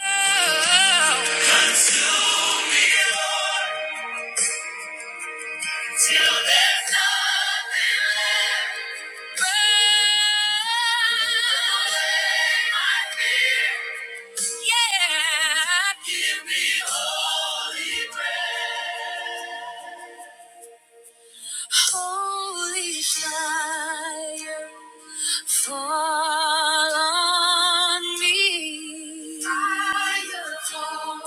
Yeah. Give me, Yeah. Holy fire, fall on me. Fire, fall.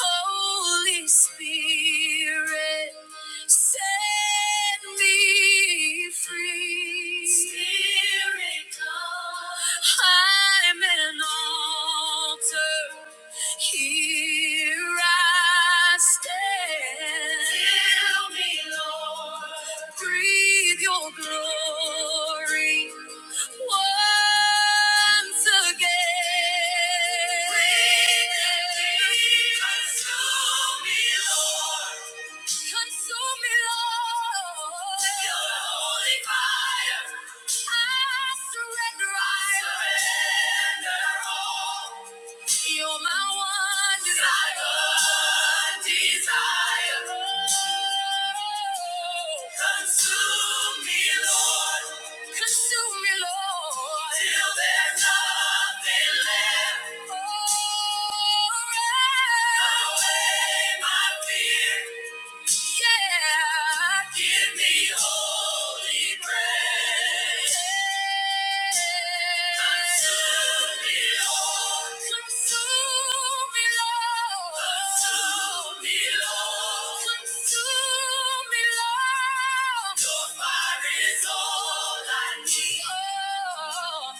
Holy Spirit, set me free. Spirit, come. I'm an altar. Here I stand. Fill me, Lord. Breathe your glory once again. Breathe it deep, consume me, Lord. Consume me, Lord. With Your holy fire. I surrender. I surrender all. You're my one desire. desire. Consume me, Lord. Consume me, Lord. Till there's nothing left. Oh, burn away my fear. Yeah. Give me holy grace. Yeah. Consume me, Lord. Consume me, Lord. Consume me, Lord. Consume me, Lord. Your fire is all I need. Oh.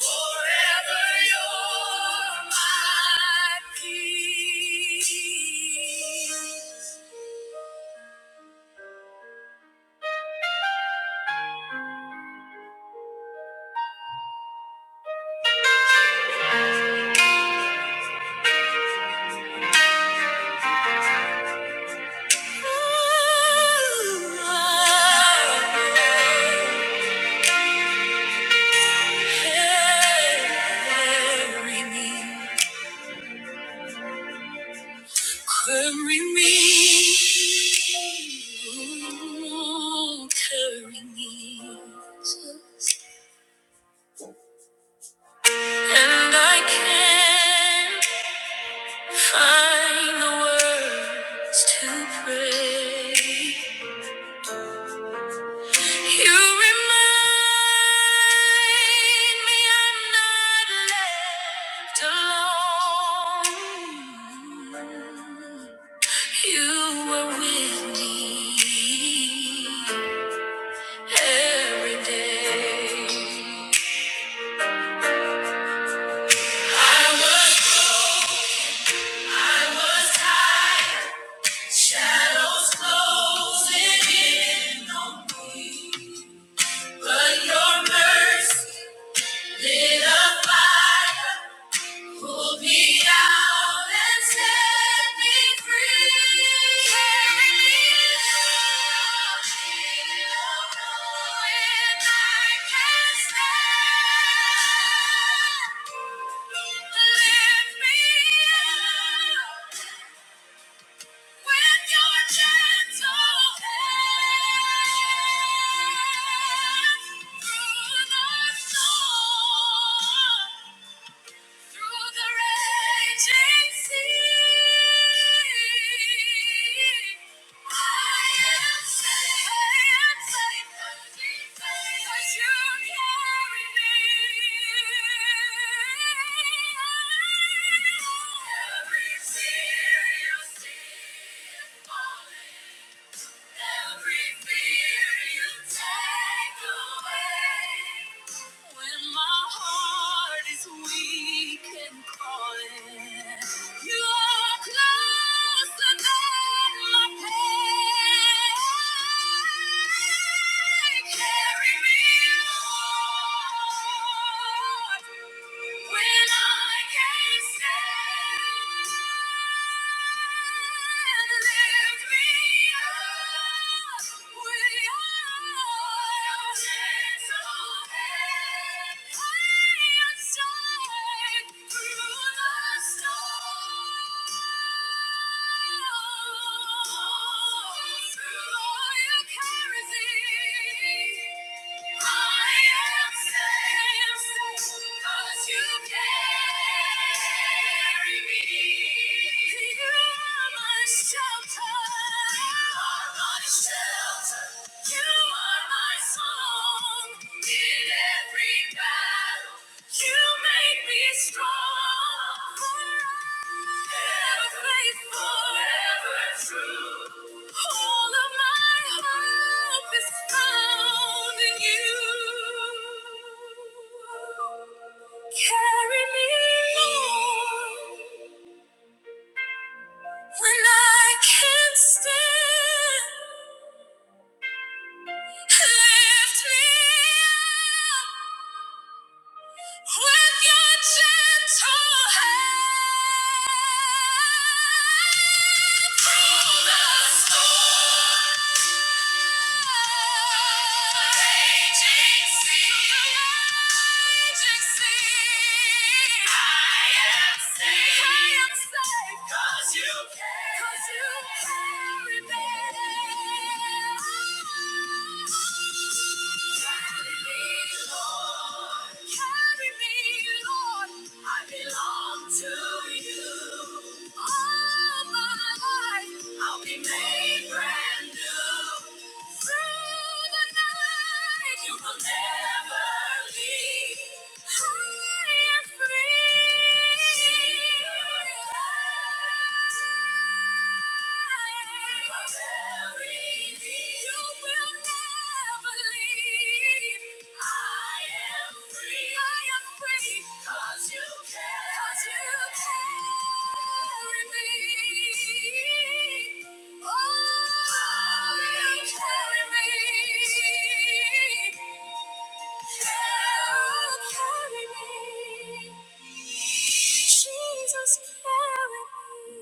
Forever you're my peace. Carry me, carry me. And I can't find the words to pray. You remind me I'm not left alone. You were with me every day. I was, I was tired. shadows closing in on me, but your mercy lit a fire. Pull me out and set me free. Carry me out when I can stand. Lift me up with your gentle hand. Through the storm. Through the raging sea, I am safe. I am safe. Cause you carry me. Every tear you see is falling. Every fear you take away. When my heart is weak and calling, you are closer than my pain. Carry me, Lord, when I can't stand. Through all your charisma. Strong. Gentle hand. Cause you carry me. Free. Oh, you carry me. Carry me. Jesus, carry me.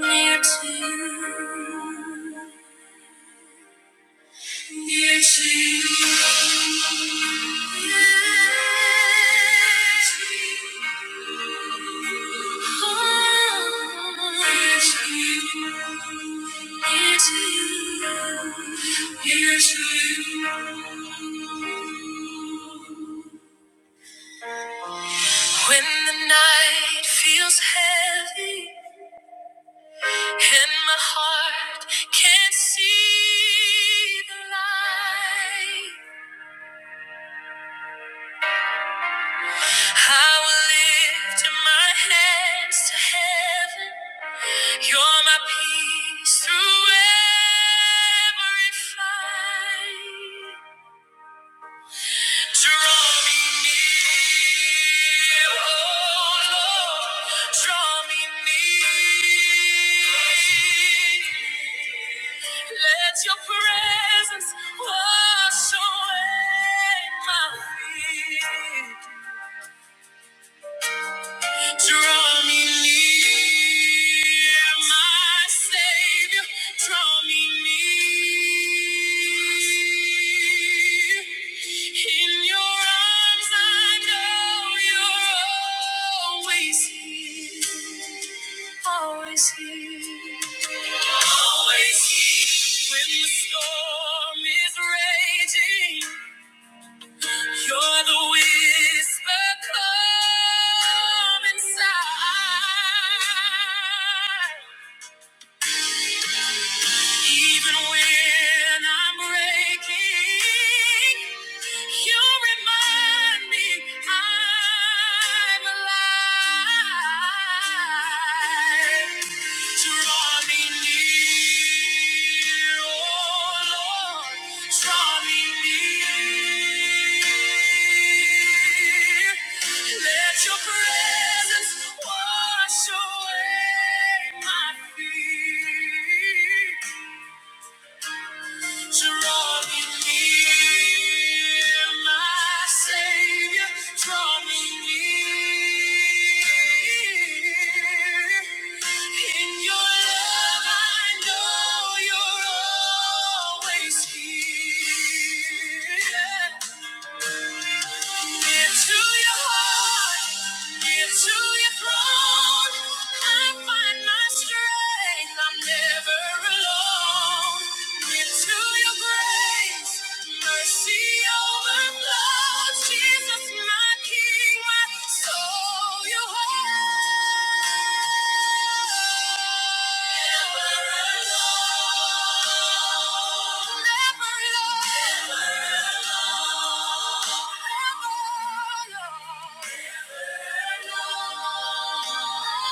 Near to Yes, When the night feels heavy and my heart can't see the light, I will lift my hands to heaven. You're my peace through every fight. Draw me near, oh Lord. Draw me near. Let your presence wash away my fear. Draw me near, my Savior. Draw me near. In your arms, I know you're always here, always here, always here. When the storm is raging. You're the whisper come inside. Even when I'm breaking, you remind me I'm alive. Draw me near, oh Lord, draw me near. Let your presence wash away my fear. Drawing near, my Savior, drawing near. In your love, I know you're always here. Near to your heart, near to your throne, I find my strength. I'm never alone. Into your grace, mercy overflows. Jesus, my King, my soul, you hold. Never alone, never alone, never alone, never alone.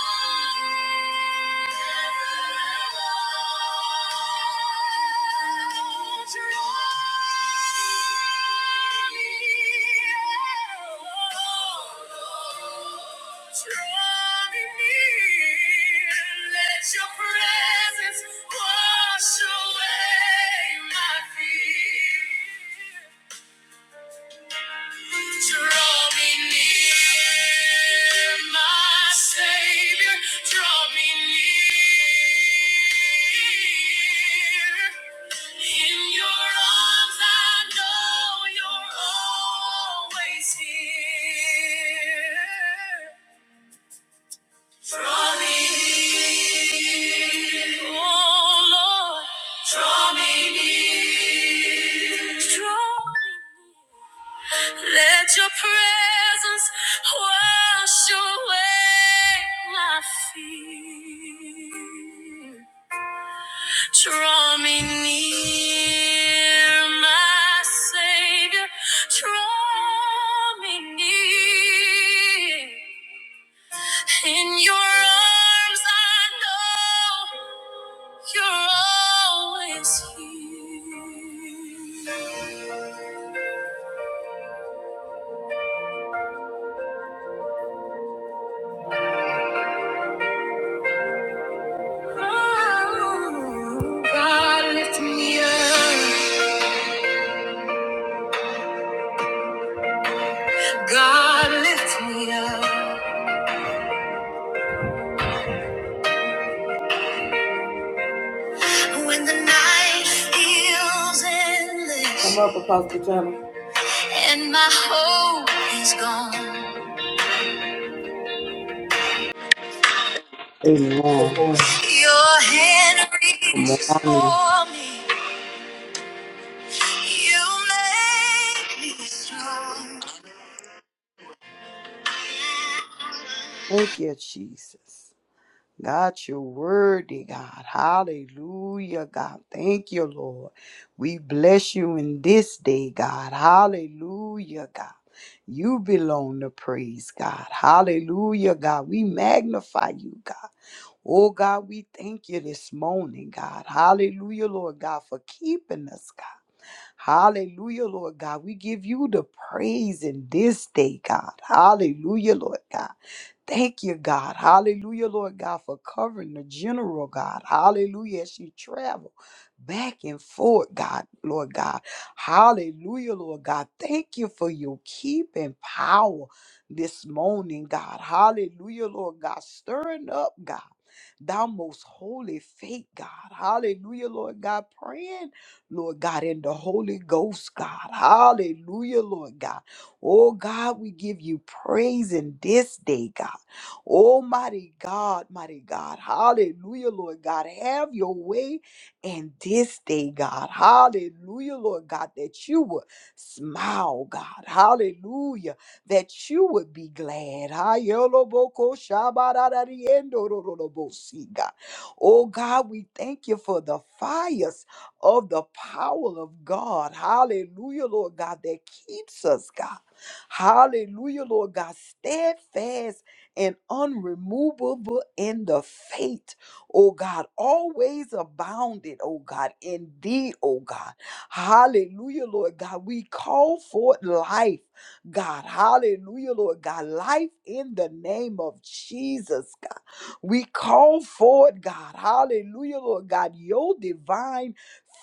never alone presence Wash away my fear. Draw me near, my Savior. Draw me near. In your arms, I know you're always here. Draw me near, oh Lord. Draw me near. Draw me near. Let your presence wash away my fear. Draw me near, my Savior. Draw me near. In your arms, I know you're always here. God lift me up. God lift me up. When the night feels endless. Come up, Apostle Jonah. And my hope is gone. Good Amen. boy. Your hand Good reaches morning. for me. You make me strong. Thank you, Jesus. God, you're worthy, God. Hallelujah, God. Thank you, Lord. We bless you in this day, God. Hallelujah, God. You belong to praise, God. Hallelujah, God. We magnify you, God. Oh, God, we thank you this morning, God. Hallelujah, Lord God, for keeping us, God. Hallelujah, Lord God. We give you the praise in this day, God. Hallelujah, Lord God. Thank you, God. Hallelujah, Lord God, for covering the general, God. Hallelujah, as she travel back and forth, God, Lord God. Hallelujah, Lord God. Thank you for your keeping power this morning, God. Hallelujah, Lord God. Stirring up, God. Thou most holy faith, God. Hallelujah, Lord God. Praying, Lord God, in the Holy Ghost, God. Hallelujah, Lord God. Oh God, we give you praise in this day, God. Oh, mighty God, mighty God. Hallelujah, Lord God. Have your way in this day, God. Hallelujah, Lord God, that you would smile, God. Hallelujah, that you would be glad. Hayoloboko shabarariendorororobosi, God. Oh, God, we thank you for the fires of the power of God. Hallelujah, Lord God, that keeps us, God. Hallelujah, Lord God, steadfast and unremovable in the faith, oh God, always abounded, oh God, indeed, oh God. Hallelujah, Lord God. We call forth life, God. Hallelujah, Lord God. Life in the name of Jesus, God. We call forth, God. Hallelujah, Lord God. Your divine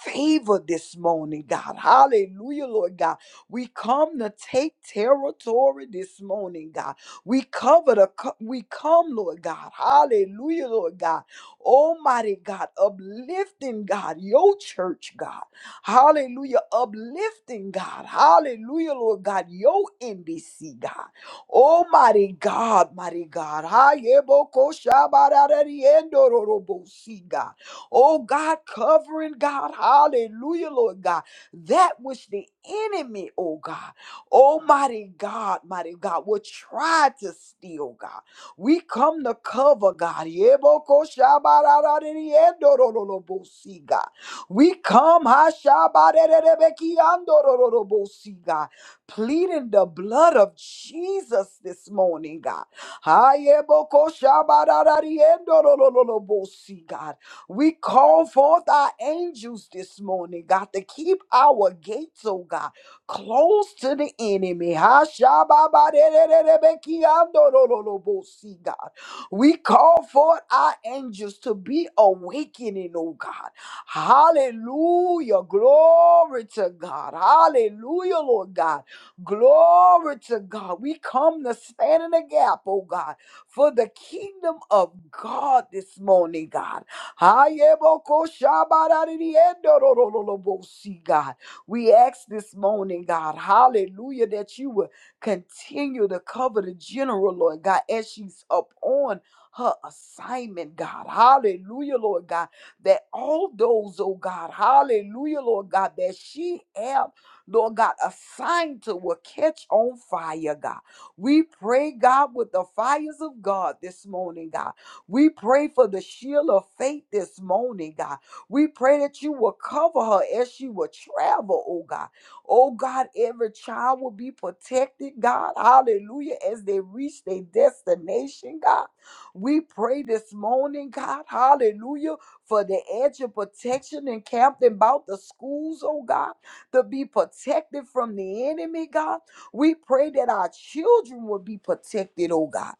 favor this morning, God. Hallelujah, Lord God. We come to take territory this morning, God. We cover the, co- we come, Lord God. Hallelujah, Lord God. Almighty God, uplifting God, your church, God. Hallelujah, uplifting God. Hallelujah, Lord God, your NBC, God. Almighty God, mighty God. Hayebokoshabarariendororobosi, God. Oh God, covering God. Hallelujah, Lord God. That which the enemy, oh God. Almighty God, mighty God, will try to steal, God. We come to cover, God. Yebokoshabararaririendorororobosi, God. We come, hashabarererebekiandorororobosi, God, pleading the blood of Jesus this morning, God. Hayebokoshabararaririendorororobosi, God. We call forth our angels this morning, God, to keep our gates, oh God close to the enemy. Hashababadererebekiandorororobosi, God. We call for our angels to be awakening, oh God. Hallelujah. Glory to God. Hallelujah, Lord God. Glory to God. We come to stand in the gap, oh God, for the kingdom of God this morning, God. Hayebokoshabarariendorororobosi, God. We ask this morning, God, hallelujah, that you would continue to cover the general, Lord God, as she's up on her assignment, God. Hallelujah, Lord God. That all those, oh God, hallelujah, Lord God, that she have, Lord God, assigned to will catch on fire, God. We pray, God, with the fires of God this morning, God. We pray for the shield of faith this morning, God. We pray that you will cover her as she will travel, oh God. Oh God, every child will be protected, God. Hallelujah. As they reach their destination, God. We pray this morning, God. Hallelujah. For the edge of protection encamped about the schools, oh God, to be protected from the enemy, God. We pray that our children will be protected, oh God.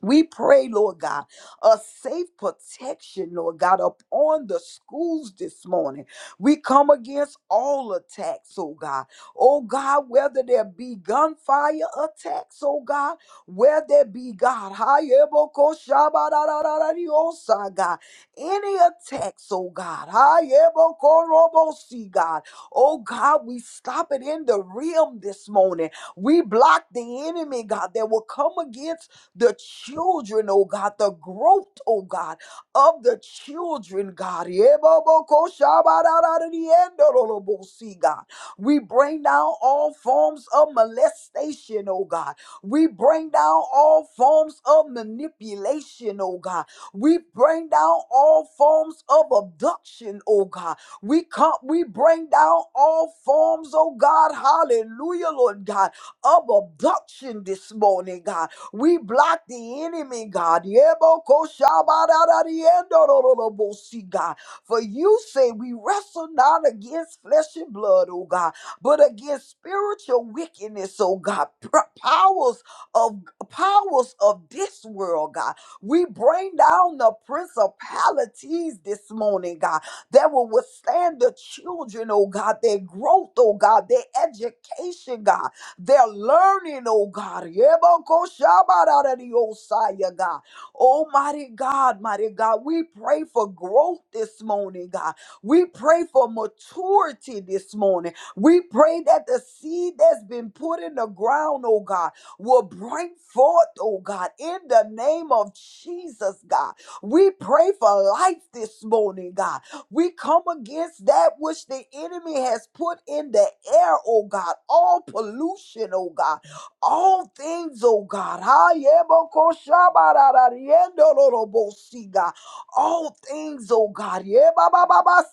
We pray, Lord God, a safe protection, Lord God, upon the schools this morning. We come against all attacks, oh God. Oh God, whether there be gunfire attacks, oh God, whether there be God, hayebokoshabararararariosa, God, any attacks, oh God, hayebokorobosi, God. Oh God, we stop it in the realm this morning. We block the enemy, God, that will come against the children, oh God, the growth, oh God, of the children, God. Yebobokoshabarararariendorolobosi, God. We bring down all forms of molestation, oh God. We bring down all forms of manipulation, oh God. We bring down all forms of abduction, oh God. We come, we bring down all forms, oh God, hallelujah, Lord God, of abduction this morning, God. We block the enemy, God. Yebokoshabadadadiendorolobosi, God. For you say we wrestle not against flesh and blood, oh God, but against spiritual wickedness, oh God. Pr- Powers of powers of this world, God. We bring down the principalities this morning, God, that will withstand the children, oh God, their growth, oh God, their education, God. They're learning, oh God. Yebokoshabaradiosaya, God. Almighty God, mighty God, we pray for growth this morning, God. We pray for maturity this morning. We pray that the seed that's been put in the ground, oh God, will bring forth, oh God, in the name of Jesus, God. We pray for life this morning, God. We come against that which the enemy has put in the air, oh God. All pollution, oh God. All things, oh God. Ha, yeboko shabarara, riendolorobosi, God. All things, oh God. Yebababa,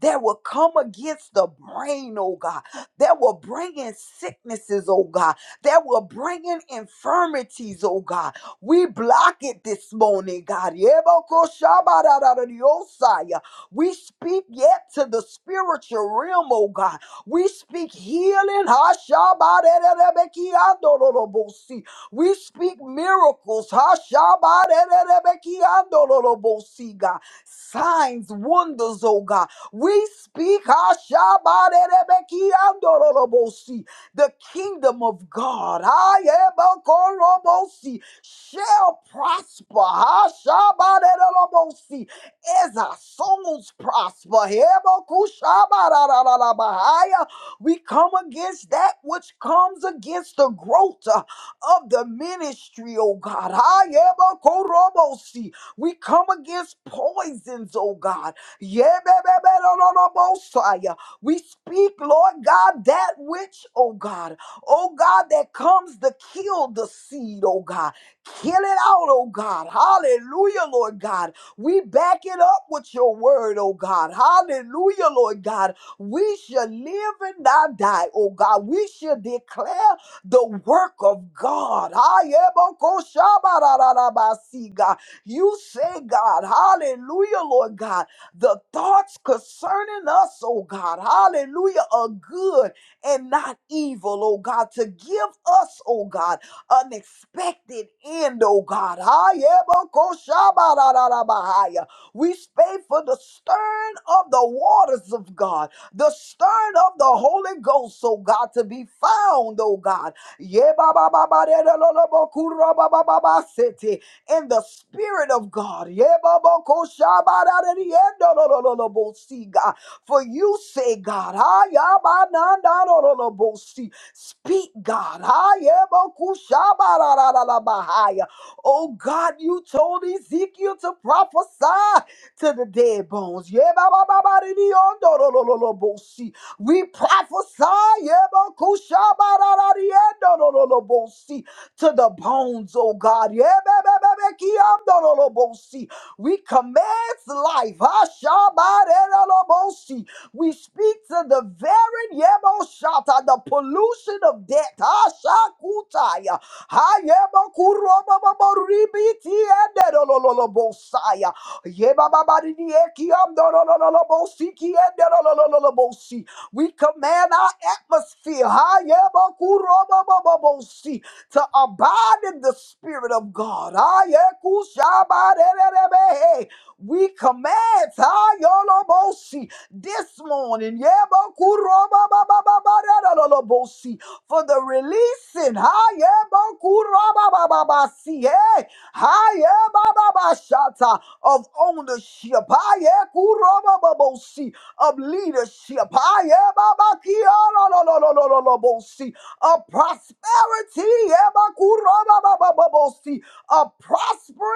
That will come against the brain, oh God. That will bring in sicknesses, oh God. That will bring in infirmities, oh God we block it this morning, God. Yebokoshabararariyosaya. We speak yet to the spiritual realm, oh God. We speak healing. Hashabarerebekiandololobosi. We speak miracles. Hashabarerebekiandololobosi, God. Signs, wonders, oh God. We speak Hashabarerebekiandololobosi, the kingdom of God. Ayebokorobosi shall prosper. Ha, shabadedodobosi, As our souls prosper. Heboku shabadadadadabahaya. We come against that which comes against the growth uh, of the ministry, oh God. Ha, yebokorobosi. We come against poisons, oh God. Yebebebedododobosaya. We speak, Lord God, that which, oh God, oh God, that comes to kill the seed, oh God. Kill it out, oh God. Hallelujah, Lord God. We back it up with your word, oh God. Hallelujah, Lord God. We shall live and not die, oh God. We shall declare the work of God. Ayebokoshabarararabasi, God. You say, God, hallelujah, Lord God, the thoughts concerning us, oh God, hallelujah, are good and not evil, oh God, to give us, oh God unexpected end, oh God. Hayebokoshabarararabahaya. We stay for the stern of the waters of God, the stern of the Holy Ghost, oh God, to be found, oh God. Yebabababarelolobokurabababasete. In the Spirit of God. Yebabokoshabararariendolololobosi, God. For you say, God, Hayabanandalololobosi. Speak, God. Ayebokushabarararabahaya. Oh God, you told Ezekiel to prophesy to the dead bones. Yebababaridiyondorololobosi. We prophesy yebokushabararariyondorololobosi, to the bones, oh God. Yebebebebekiyondorolobosi. We command life. Ashabarerolobosi. We speak to the very yemo shatter the pollution of death. Haya kuroba babori biti ende lolo lolo bossaya. Yeba babari ni ekiam dolo lolo lolo bossi ki ende lolo lolo bossi. We command our atmosphere. Haya kuroba bababosi to abide in the spirit of God. Haya kushaba re re re be. We command Tayolobosi this morning Yebokurobabababababababosi, for the releasing Hayebakurobabababasi, eh, Hayebababashata, of ownership Hayekurobababosi, of leadership Hayebabakiarolololololobosi, of prosperity Yebakurobabababosi, a prospering.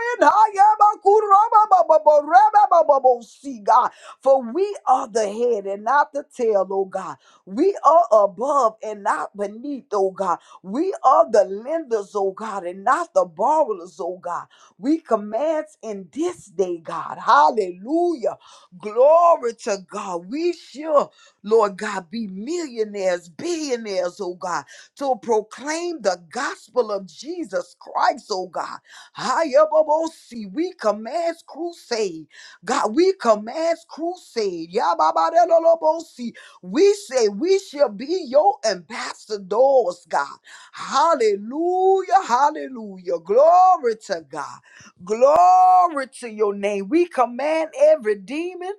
See, God, for we are the head and not the tail, oh God. We are above and not beneath, oh God. We are the lenders, oh God, and not the borrowers, oh God. We command in this day, God. Hallelujah. Glory to God. We shall, Lord God, be millionaires, billionaires, oh God, to proclaim the gospel of Jesus Christ, oh God. Hayabobosi. We command crusade. God, we command crusade. Yababadelolobosi. We say we shall be your ambassadors, God. Hallelujah. Hallelujah. Glory to God. Glory to your name. We command every demon,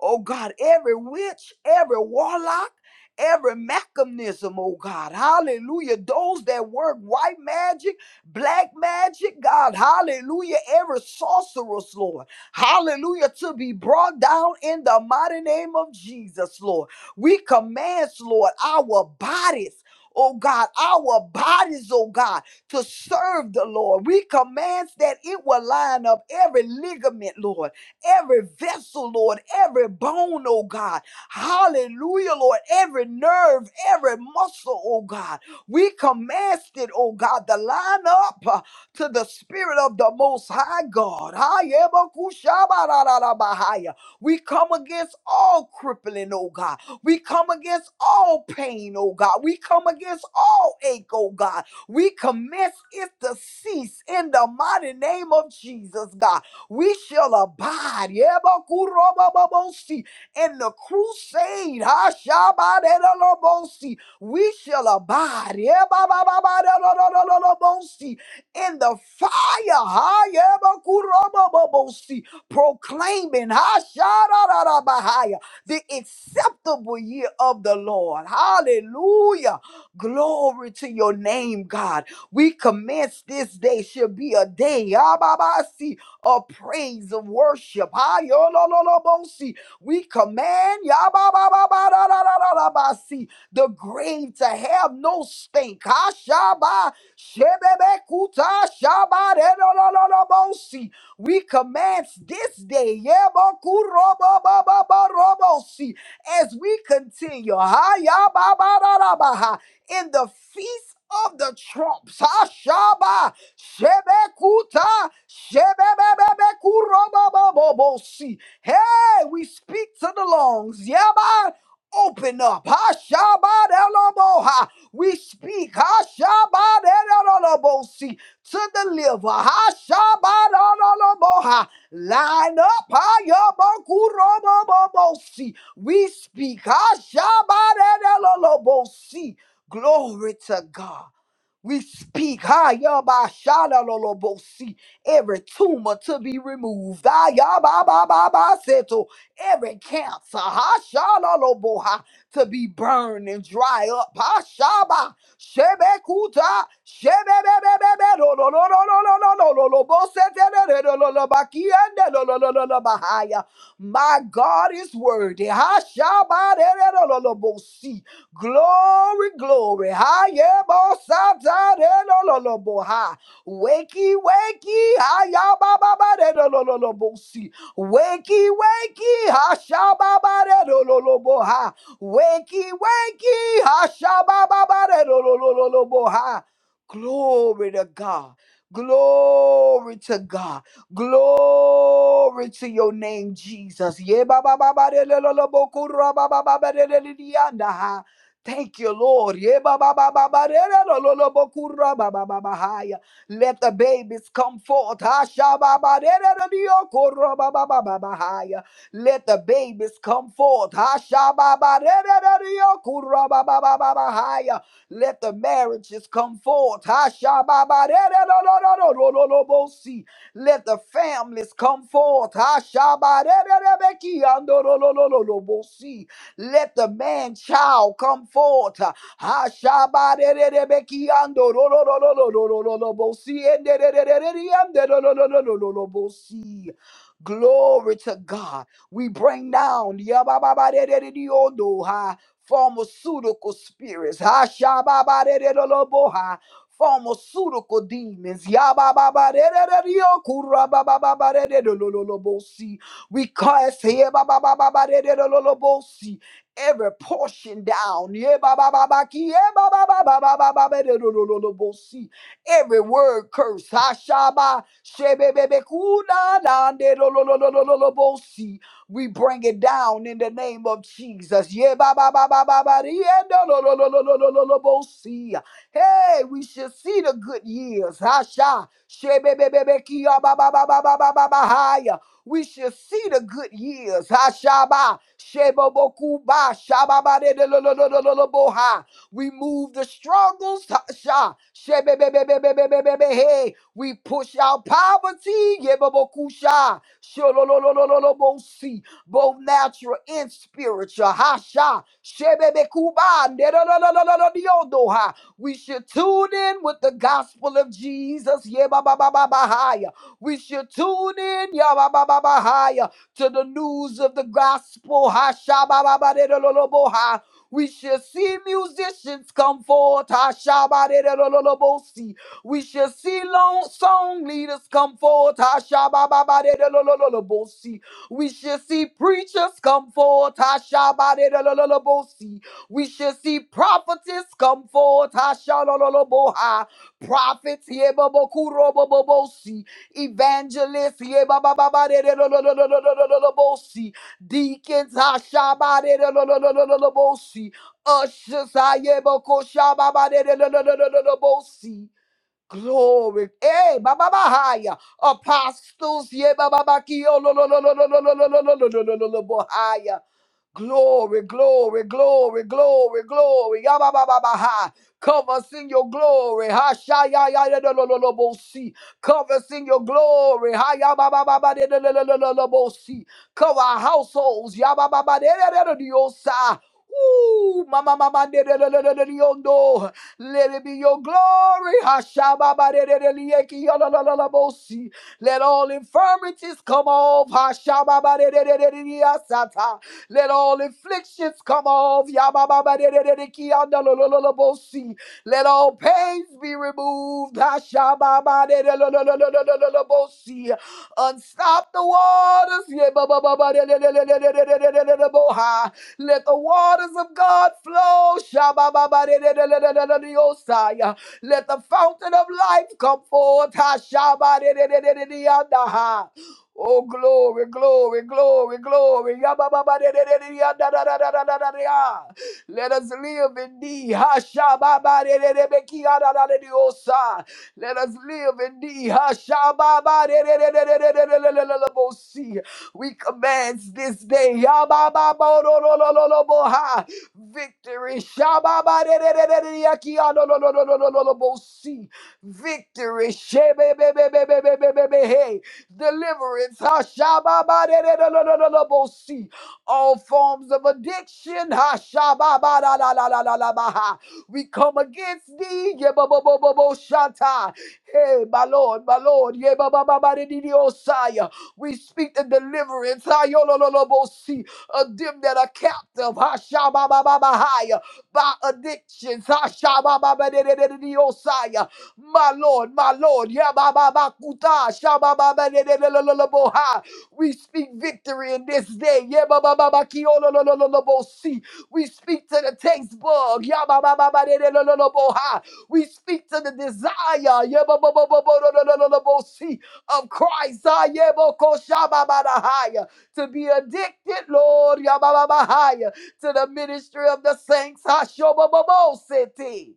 oh God, every witch, every warlock every mechanism, oh God. Hallelujah. Those that work white magic. Black magic, God, hallelujah. Every sorceress, Lord, hallelujah, to be brought down in the mighty name of Jesus, Lord. We command, Lord, our bodies. Oh God, our bodies, oh God, to serve the Lord. We command that it will line up every ligament, Lord, every vessel, Lord, every bone, oh God. Hallelujah, Lord, every nerve, every muscle, oh God. We command it, oh God, to line up uh, to the spirit of the most high God. Hayebakushabarararabahaya. We come against all crippling, oh God. We come against all pain, oh God. We come against all ache, oh God. We commence it to cease in the mighty name of Jesus, God. We shall abide yebakurobababosi, in the crusade. Hashabaderalobosi, we shall abide yeah, ba, ba, ba, ba, da, da, da, da, da, da, bo, see, in the fire, ha, yeah, ba, ku, ra, ba, ba, bo, see, proclaiming ha, sha, da, da, da, ba, ha, yeah, the acceptable year of the Lord. Hallelujah. Glory to your name, God. We commence this day should be a day ah, ba, ba, see, of praise, of worship. Ah, yo, lo, lo, lo, bo, see. We command. ya, ba, ba, ba, ba, da, da, da, da, da, ba, see the grave to have no stink. Ashaba, shebebekuta, shaba, dedololobosi. We commence this day yebokurobobobobobobosi, as we continue hayababararabaha, in the feast of the trumps. Ashaba, shebekuta, shebebebebekurobobobobosi. Hey, we speak to the lungs. Yaba, open up. ha Hashabadeloboha. We speak ha Hashabadelobosi, to deliver. Hashabadeloboha. Line up. ha Hayabakurobobobosi. We speak ha Hashabadelobosi. Glory to God. We speak, ha Hayabashalalolobosi, every tumor to be removed. Ah, yaba ba ba Ayabababa, every cancer ha, shalaloboha, to be burned and dry up. Ha, shaba, shebekuta, shebebebebebe, lo, lo, lo, lo, lo, lo, lo, lo, lo, lo, bo, se, te, re, re, lo, lo, lo, ba, ki, en, de, lo, lo, lo, lo, lo, ba, ha, ya. My God is worthy. Ha, shaba, re, re, lo, lo, lo, bo, si. Glory, glory. Ha, ye, bo, sa, ta, re, lo, lo, lo, bo, ha. Wakey, wakey. Ha, ya, ba, ba, ba, re, lo, lo, lo, lo, bo, si. Wakey, wakey, hashababaredololoboha. Wakey, wakey, ha. Glory to God. Glory to God. Glory to your name, Jesus. Yeah, ba ba ba ba de lo lo lo bo ku ra ba ba ba ba lo lo lo bo anda ha. Thank you, Lord. ba ba ba ba ba ba ba ba lo lo lo bo Yebababababadedololobokurababababahaya. Let the babies come forth. Hashababaderediyokorobabababahaya. Let the babies come forth. Hashababaderediyokorobabababahaya. Let the marriages come forth. Hashababaderediyokorobabababahaya. Let the families come forth. Hashabaderediyokorobabababahaya. Let the man child come forth. Ha shabare rebeki ando ro ro ro ro ro ro ro ro ro bosi ende re re re re re ande ro ro ro ro ro ro ro bosi. Glory to God. We bring down yabababarerereondo, ha, pharmaceutical spirits. ha, shababarererelobo, ha, Pharmaceutical demons. yabababarerereokurabababarererelobosi. We cast here. bababababarererololobosi every portion down. Yeah, ba, ba, ba, ba, ki, yeah, ba, ba, ba, ba, ba, ba, ba, ba, do, do, do, do, do, bo, si. Every word curse. Ha, sha, ba, she, be, be, be, ku, na, na, de, do, do, do, do, do, do, do, bo, si. We bring it down in the name of Jesus. Yeah, ba, ba, ba, ba, ba, ba, di, yeah, do, do, do, do, do, do, do, do, do, bo, si. Hey, we should see the good years. Ha, sha. She, be, be, be, be, ki, ya, ba, ba, ba, ba, ba, ba, ba, ba, ha, ya we shall see the good years. Hashaba, Shebobokuba, Shababadedolololololoboha. We move the struggles. Hasha, Shebebebebebebebebe. Hey, we push out poverty. Yebobokusha, Shololololololobosi both natural and spiritual. Hasha, Shebebekuba, Nedololololololiodoha. We should tune in with the gospel of Jesus. Yeah, ba, ba, ba, ba, ba, hi. We should tune in ya ba ba ba ba yabababahaya, to the news of the gospel. ha sha ba ba ba de do lo lo bo ha. We shall see musicians come forth. ha sha ba de do lo lo lo bo si. We shall see long song leaders come forth. ha sha ba ba ba de do lo lo lo lo bo si. We shall see preachers come forth. ha sha ba de do lo lo lo bo si. We shall see prophetess come forth. ha sha lo lo lo bo ha. Prophets. yeah, bo bo ku ro bo bo bo si. Evangelist, ye ba ba ba ba de de lo lo lo lo lo lo lo lo lo bo si. Deacons, ha sha ba de de lo lo lo lo lo lo bo si. Ushers, ha yeah, bo ko sha ba ba de de lo lo lo lo lo lo bo si. Glory, eh, ba ba ba ha ya. Apostles, yeah, ba ba ba ki yo lo lo lo lo lo lo lo lo lo lo lo lo lo lo bo ha ya. Glory, glory, glory, glory, glory. Yabababaha. Cover us in your glory. Ha sha ya ya ya lo lo lo lo bo si. Cover us in your glory. Ha ya ba ba ba ba de de lo lo lo lo si. Cover our households. Ya ba ba ba de de de de de yo sa. Ooh, mama mama de de de de de de de oh, no. Let it be your glory. Ha sha ba ba de de de de ye ki yo lo lo lo lo bo si. Let all infirmities come off. Ha sha ba ba de de de de de de ya Oh glory, glory, glory, glory! Ya ba ba ba re re re re ya da da da da da da da! Let us live in the Hasha ba ba re re re re ki ya da da da da da da! Let us live in the Hasha ba ba re re re re re re re re re re! We see we commence this day ya ba ba ba re re re re re re re! Victory sha ba ba re re re re re re re re re! Victory sha ba ba re re re re re re re re re! deliverance. Hashababadadadadadadabosi. All forms of addiction. Hashababadadadadadabaha. We come against thee. Yebababababoshata. Hey, my Lord, my Lord. Yebabababadadidiosaya. We speak the deliverance. Hayolololobosi. Of them that are captive. Hashababababahaya. By addictions. Hashabababadadadadidiosaya my Lord, my Lord. Yeah, ba ba ba kuta, sha ba ba ba de de de lo lo lo bo ha. We speak victory in this day. Yeah, ba ba ba ba ki o lo lo lo lo lo bo si. We speak to the taste bug. Yeah, ba ba ba ba de de lo lo lo bo ha. We speak to the desire. Yeah, ba ba ba ba bo lo lo lo lo lo bo si of Christ. Ah, yeah, bo ko sha ba ba da ha ya. To be addicted, Lord. Yeah, ba ba ba ha ya. To the ministry of the saints. Ah, sho ba ba bo se te.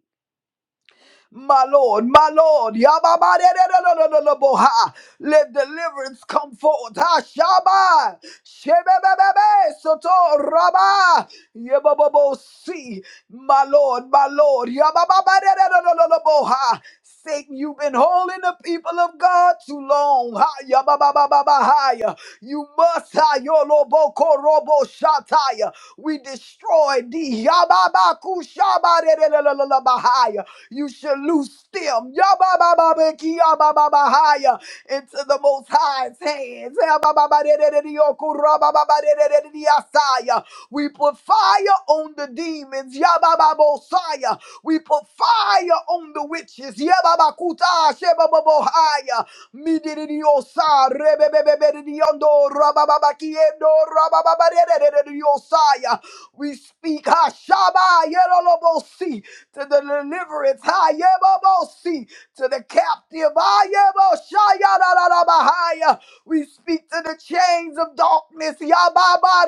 My Lord, my Lord, Yababadererererereboha. let deliverance come forth. Hashaba, Shebebebebe, Soto, Rabba, Yebabobosi. My Lord, my Lord, Yababadererererereboha. Satan, you've been holding the people of God too long. Ha, ya ba ba ba ba ba Yababababahaya. You must, ha, Yoloboko, Robo, Shataya. We destroyed these. Yababakushabarelelelelelebahaya. You should loose them Yababababekiyabababahaya. into the Most High's hands. Yabababadeleleleliokurabababadelelediyasaya. We put fire on the demons. Yabababosaya. We put fire on the witches. Yababakuta shebababohaya. Midiriyosa, rababakiendo rabababaredededediosaya. We speak Hashaba Yerolobosi to the deliverance Hayebobosi to the captive Hayeboshaya. We speak to the chains of darkness Yababa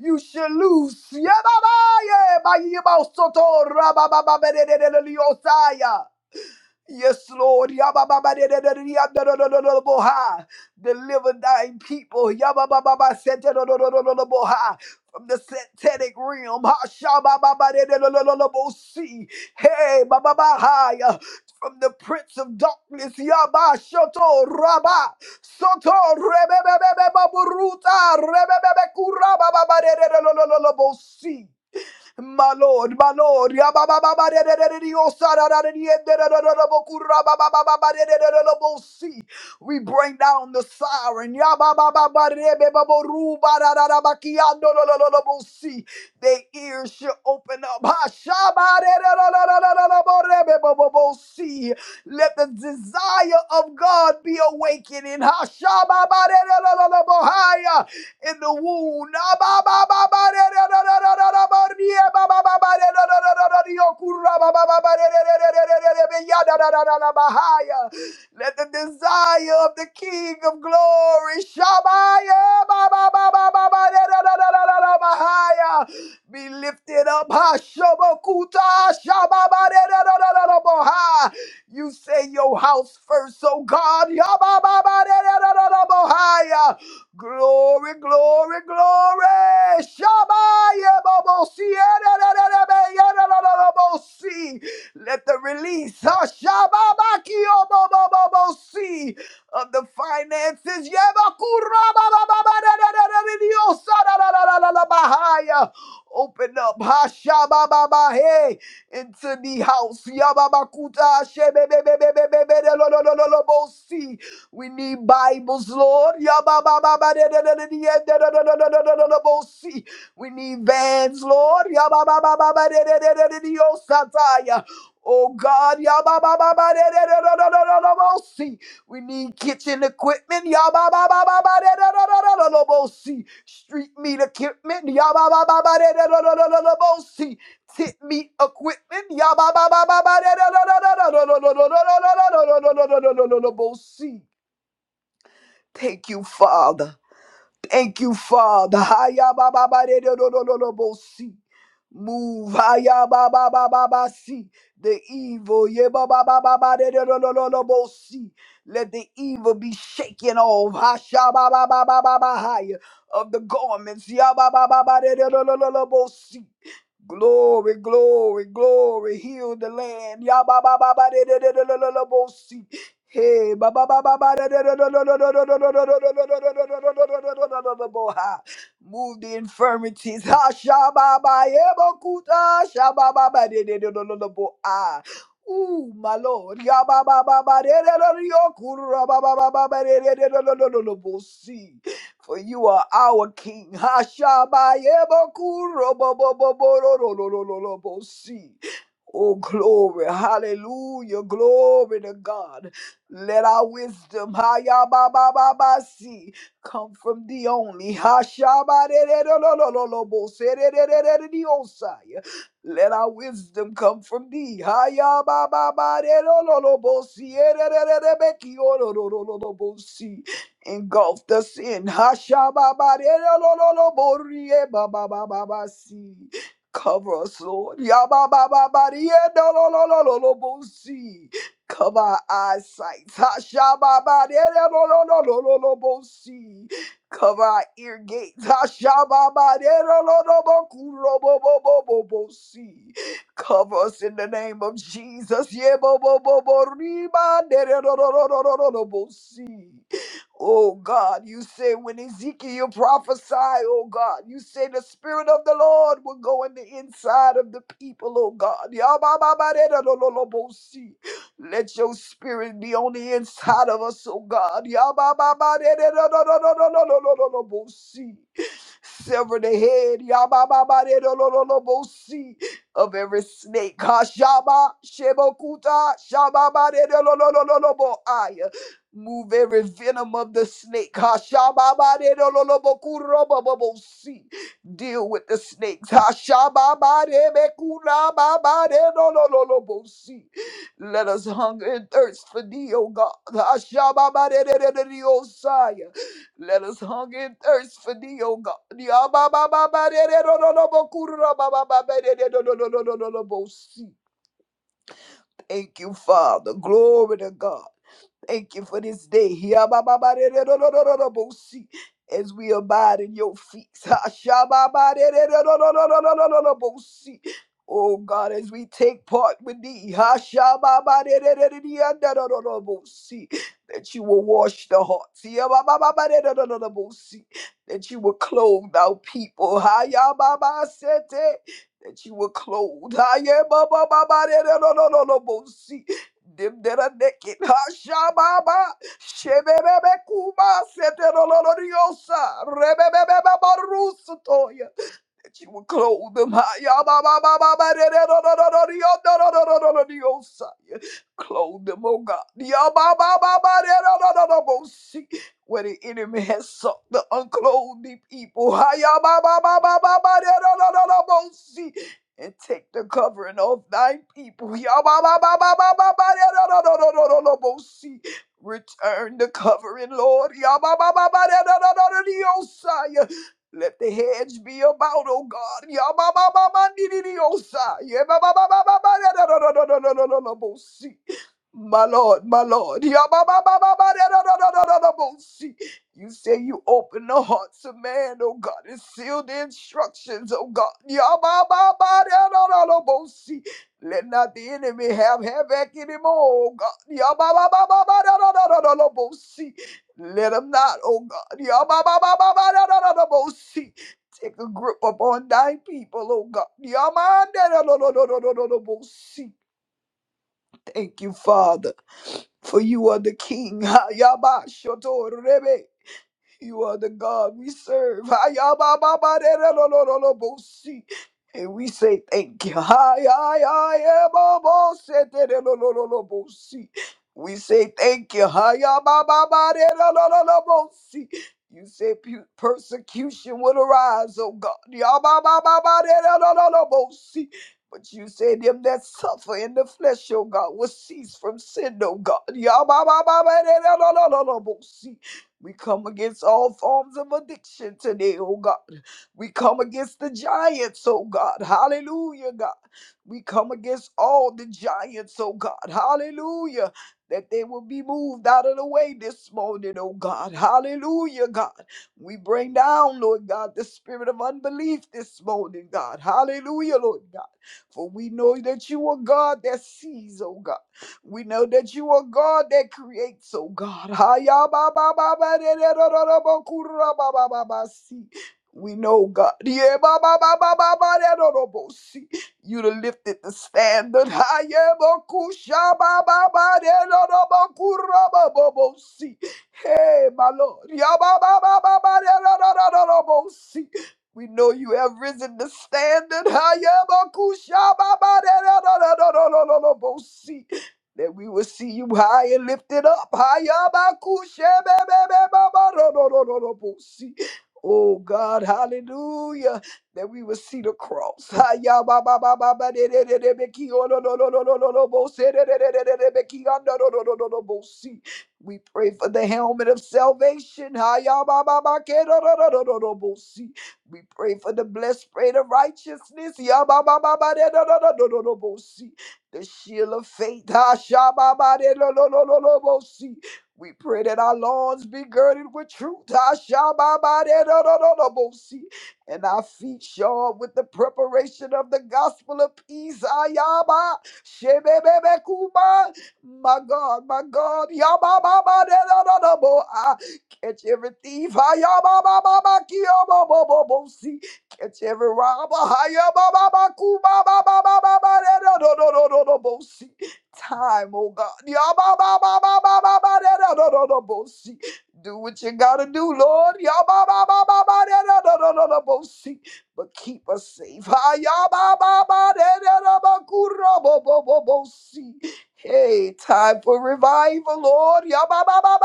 You shall loose Yababa Yebosaya. Yes, Lord. Yabba-ba-ba-da-da-da-da-da-da-da-da-da-bo-ha. Deliver thine people. Yabba-ba-ba-ba-sa-da-da-da-da-da-da-bo-ha. From the satanic realm. Ha-sha-ba-ba-ba-da-da-da-da-da-da-bo-si. Hey, ba-ba-ba-ha-ya. from the prince of darkness. Yabba Shoto Rabba Soto Rebebe Baburuta Rebebe Kuraba Baba Bosi. My Lord, my Lord. Yababababadadadadadiyosarararariyedadadadadabokurabababababaredadadadabosi. We bring down the siren. Their ears shall open up. Let the desire of God be awakening in the wound. Ah, Let the desire of the King of Glory, Shabaya, be lifted up. Ha, shobokuta, You say your house first oh God. Yabba-ba-ba-da-da-da-da-da-bo-hi-ya. Glory, glory, glory. Shabba-ya-bo-bo-si-ya-da-da-da-da-ba-ya-da-da-da-da-bo-si. Let the release huh, shabba-ba-ki-yo-bo-bo-bo-bo-si, of the finances. Yabba-ku-ra-ba-ba-ba-ba-da-da-da-da-da-da-da-da-da-da-da-da-da-da-ba-hi-ya. Open up. ha, shabba-ba-ba, Hey. Thank you, Father. Haya ba ba ba de do do do do do bo si. Move. Haya ba ba ba ba ba si. The evil. Ye ba ba ba ba ba de do do do do do bo si. Let the evil be shaken off. Hasha ba ba ba ba ba ba higher of the garments. Ya ba ba ba ba de do do do do do bo si. Glory, glory, glory. Heal the land. Ya ba ba ba ba de do do do do do bo si. Hey, ba ba ba ba ba da da da da da da da da da da da da da da da da da da boha. Move the infirmities. Ha sha ba ba ye bo kuta sha ba ba ba de de de de de de boha. Ooh, my Lord. Ya ba ba ba ba de de de de yo kuru ra ba ba ba ba ba de de de de de de de de bo si. For you are our King. Ha sha ba ye bo kuru bo bo bo bo ro ro ro ro ro ro bo si. Oh, glory. Hallelujah. Glory to God. Let our wisdom haya ba ba ba ba see come from the only. Hasha ba Hashabarererobolserererereosai. Let our wisdom come from thee. Hayabababarerobolsererererebekiororororobosi. Engulfed us in. Hashababarerobolrebabababasi. Cover us, Lord. Yababababariedololololobosi. Cover our eyesight. Hashababariedolololololobosi. Cover our ear gates. Hashababariedololobokurobobobobobosi. Cover us in the name of Jesus. Yeboboboboribanderelololololobosi. Oh God, you say when Ezekiel prophesied, oh God, you say the Spirit of the Lord will go in the inside of the people, oh God. ba ba da Yabababaredadololobosi. Let your spirit be on the inside of us, oh God. Yabababaredadololololololobosi sever the head Yabababaredololobosi, of every snake. Kashaba Shebokuta Shababaredolololoboaya. Move every venom of the snake. Kashababaredololobokurobobobosi. Deal with the snakes. Hashababarebekurababaredolololobosi. Let us hunger and thirst for thee, O God. Hashababaredededediosaya. Let us hunger and thirst for thee, O God. Ya ba ba ba ba de de do do do bo ku do do ba ba ba ba de de do do do do do do do bo si. Thank you, Father. Glory to God. Thank you for this day. Yabababarererobosi, As we abide in your feast. Hashababarererobosi. Oh God, as we take part with thee. Hashababarererobosi, That you will wash the hearts. Yabababarererobosi, That you will clothe our people. Hayababasete, That you will clothe. Hayabababarererobosi, Dim dera deki hashababa shebebebe kuma seteroloriosa rebebebe barusutoya that you would clothe them. ah, ya, ba, ba, ba, ba, ba, da, da, da, da, da, da, dee, oh, da, da, da, da, da, da, dee, oh, Messiah. Clothe them, oh God. Ya, ba, ba, ba, ba, da, da, da, da, da, go see Where the enemy has sought the unclothed people. ah, ya, ba, ba, ba, ba, ba, ba, da, da, da, da, da, go see And take the covering of thy people. Ya, ba, ba, ba, ba, ba, ba, ba, da, da, da, da, da, da, da, go see Return the covering, Lord. Ya, ba, ba, ba, ba, da, da, da, da, da, dee, oh, Messiah. Let the hedge be about, oh God. Yababababandididiosa. Yebabababababadadadadadadadadadadabosi. My Lord, my Lord. Yabababababadadadadadadadabosi. You say you open the hearts of man, oh God, and seal the instructions, oh God. Yababababadadadadadabosi. Let not the enemy have havoc anymore, oh God. Yabababababadadadadadadabosi. Let them not, oh God. Yabba-ba-ba-ba-ba-da-da-da-da-bo-si. Take a grip upon thy people, oh God. Yamanda-da-da-da-da-da-da-da-bo-si. Thank you, Father, for you are the King. Ha, yabba, shoto, rebe. You are the God we serve. Ayabababaderelolololobosi. And we say thank you. Ayayayababoseterelolololobosi. We say thank you. Ayabababaderelolololobosi. You say pu- persecution will arise, oh God. Yabababaderelolololobosi. But you say them that suffer in the flesh, oh God, will cease from sin, oh God. Yabababaderelolololobosi. We come against all forms of addiction today, oh God. We come against the giants, oh God. Hallelujah, God. We come against all the giants, oh God. Hallelujah. That they will be moved out of the way this morning, oh God. Hallelujah, God. We bring down, Lord God, the spirit of unbelief this morning, God. Hallelujah, Lord God. For we know that you are God that sees, oh God. We know that you are God that creates, oh God. Ha-ya-ba-ba-ba-ba-da-da-da-da-ba-ku-ra-ba-ba-ba-ba-si. We know God. Yeah-ba-ba-ba-ba-ba-da-da-da-bo-si. You done lifted the standard. Ha-ya-ba-ku-sha-ba-ba-ba-da-da-da-ba-ku-ra-ba-ba-bo-si. Hey, my Lord. Ya-ba-ba-ba-ba-ba-da-da-da-da-da-bo-si. We know you have risen the standard. Ha-ya-ba-ku-sha-ba-ba-da-da-da-da-da-da-da-bo-si. That we will see you high and lift it up higher. Oh God, hallelujah! That we will see the cross. Hayabababababadedededebekiododododododobosi. We pray for the helmet of salvation. Hayabababakedododododobosi. We pray for the blessed spray of righteousness. Yababababadedododododobosi the shield of faith. Ah, shababadedododododobosi. We pray that our lawns be girded with truth. Ah, shababadedodododobosi. And our feet shod with the preparation of the gospel of peace. Ah, yaba, shebebebekuba. My God, my God. yabababade, lo lo yabababadedododobo. Ah, Catch every thief. Ah, yababababakiyobobobobosi. Catch every robber. Hiya, ba, ba, ba, ku, ba, ba, ba, ba, ba, ba, da, da, da, da, da, da, Time, oh God. Ya, ba, ba, ba, ba, ba, ba, ba, da, da, da, da, da, bo, see. Do what you gotta do, Lord. Ya, ba, ba, ba, ba, ba, da, da, da, da, da, da, bo, see. But keep us safe. Hiya, ba, ba, ba, da, da, da, ba, ku, ra, bo, bo, bo, bo, see. Hey, time for revival, Lord. Ya, ba, ba, ba,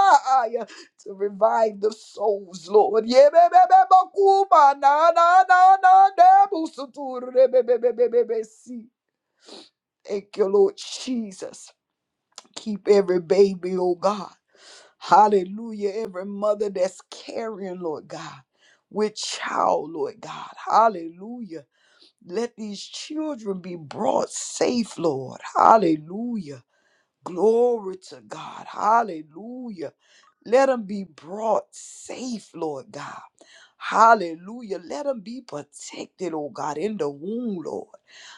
to revive the souls, Lord. Yebebebebakuma na na na na nebusuturebebebebebebesi. Thank you, Lord Jesus. Keep every baby, oh God. Hallelujah. Every mother that's carrying, Lord God, with child, Lord God. Hallelujah. Let these children be brought safe, Lord. Hallelujah. Glory to God. Hallelujah. Let them be brought safe, Lord God. Hallelujah. Let them be protected, oh God, in the womb, Lord.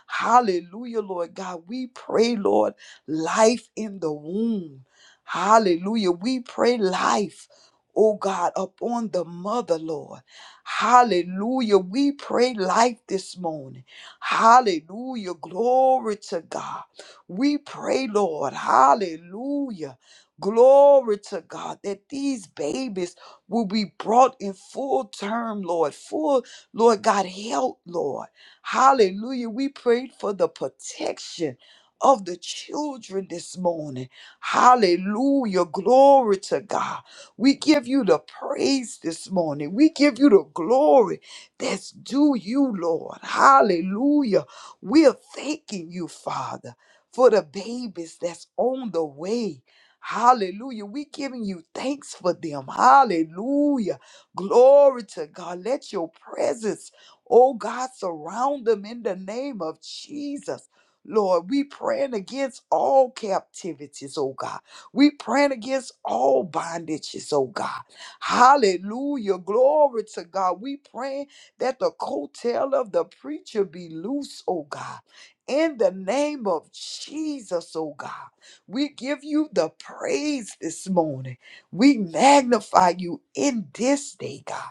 Hallelujah, Lord God. We pray, Lord, life in the womb. Hallelujah. We pray life, oh God, upon the mother, Lord. Hallelujah. We pray life this morning. Hallelujah. Glory to God. We pray, Lord. Hallelujah. Glory to God that these babies will be brought in full term, Lord, full, Lord God, help, Lord. Hallelujah. We prayed for the protection of the children this morning. Hallelujah. Glory to God. We give you the praise this morning. We give you the glory that's due you, Lord. Hallelujah. We're thanking you, Father, for the babies that's on the way. Hallelujah. We giving you thanks for them. Hallelujah. Glory to God. Let your presence, oh God, surround them in the name of Jesus. Lord, we praying against all captivities, oh God. We praying against all bondages, oh God. Hallelujah. Glory to God. We praying that the coattail of the preacher be loose, oh God. In the name of Jesus, oh God. We give you the praise this morning. We magnify you in this day, God.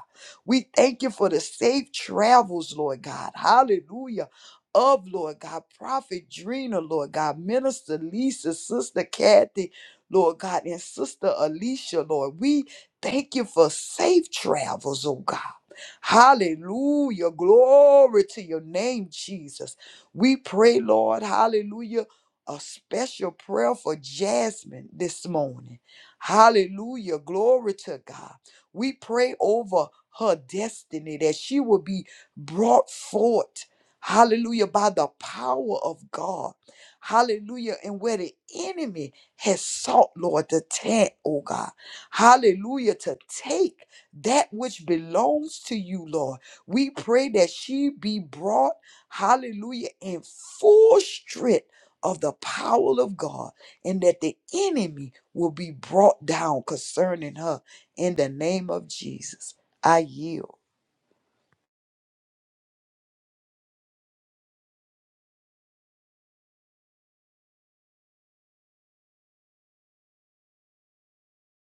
We thank you for the safe travels, Lord God. Hallelujah. Of Lord God, Prophet Drina, Lord God, Minister Lisa, Sister Kathy, Lord God, and Sister Alicia, Lord. We thank you for safe travels, oh God. Hallelujah. Glory to your name, Jesus. We pray, Lord, hallelujah a special prayer for Jasmine this morning. Hallelujah. Glory to God. We pray over her destiny that she will be brought forth. Hallelujah. By the power of God. Hallelujah. And where the enemy has sought, Lord, to take, oh God. Hallelujah. To take that which belongs to you, Lord. We pray that she be brought, hallelujah, in full strength of the power of God and that the enemy will be brought down concerning her in the name of Jesus. I yield.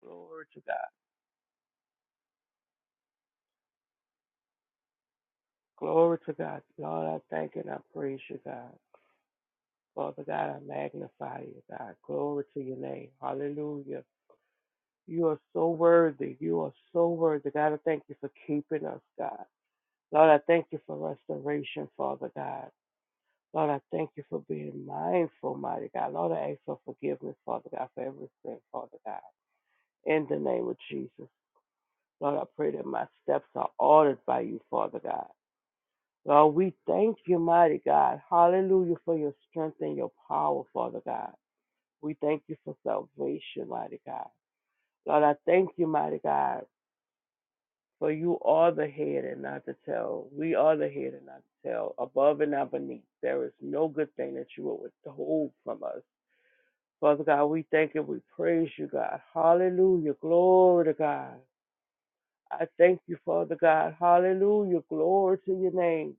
Glory to God. Glory to God. Lord, I thank and I praise you, God. Father God, I magnify you, God. Glory to your name. Hallelujah. You are so worthy. You are so worthy. God, I thank you for keeping us, God. Lord, I thank you for restoration, Father God. Lord, I thank you for being mindful, mighty God. Lord, I ask for forgiveness, Father God, for every sin, Father God. In the name of Jesus. Lord, I pray that my steps are ordered by you, Father God. Lord, we thank you, mighty God. Hallelujah for your strength and your power, Father God. We thank you for salvation, mighty God. Lord, I thank you, mighty God, for you are the head and not the tail. We are the head and not the tail, above and not beneath. There is no good thing that you will withhold from us. Father God, we thank and we praise you, God. Hallelujah. Glory to God. I thank you, Father God. Hallelujah. Glory to your name.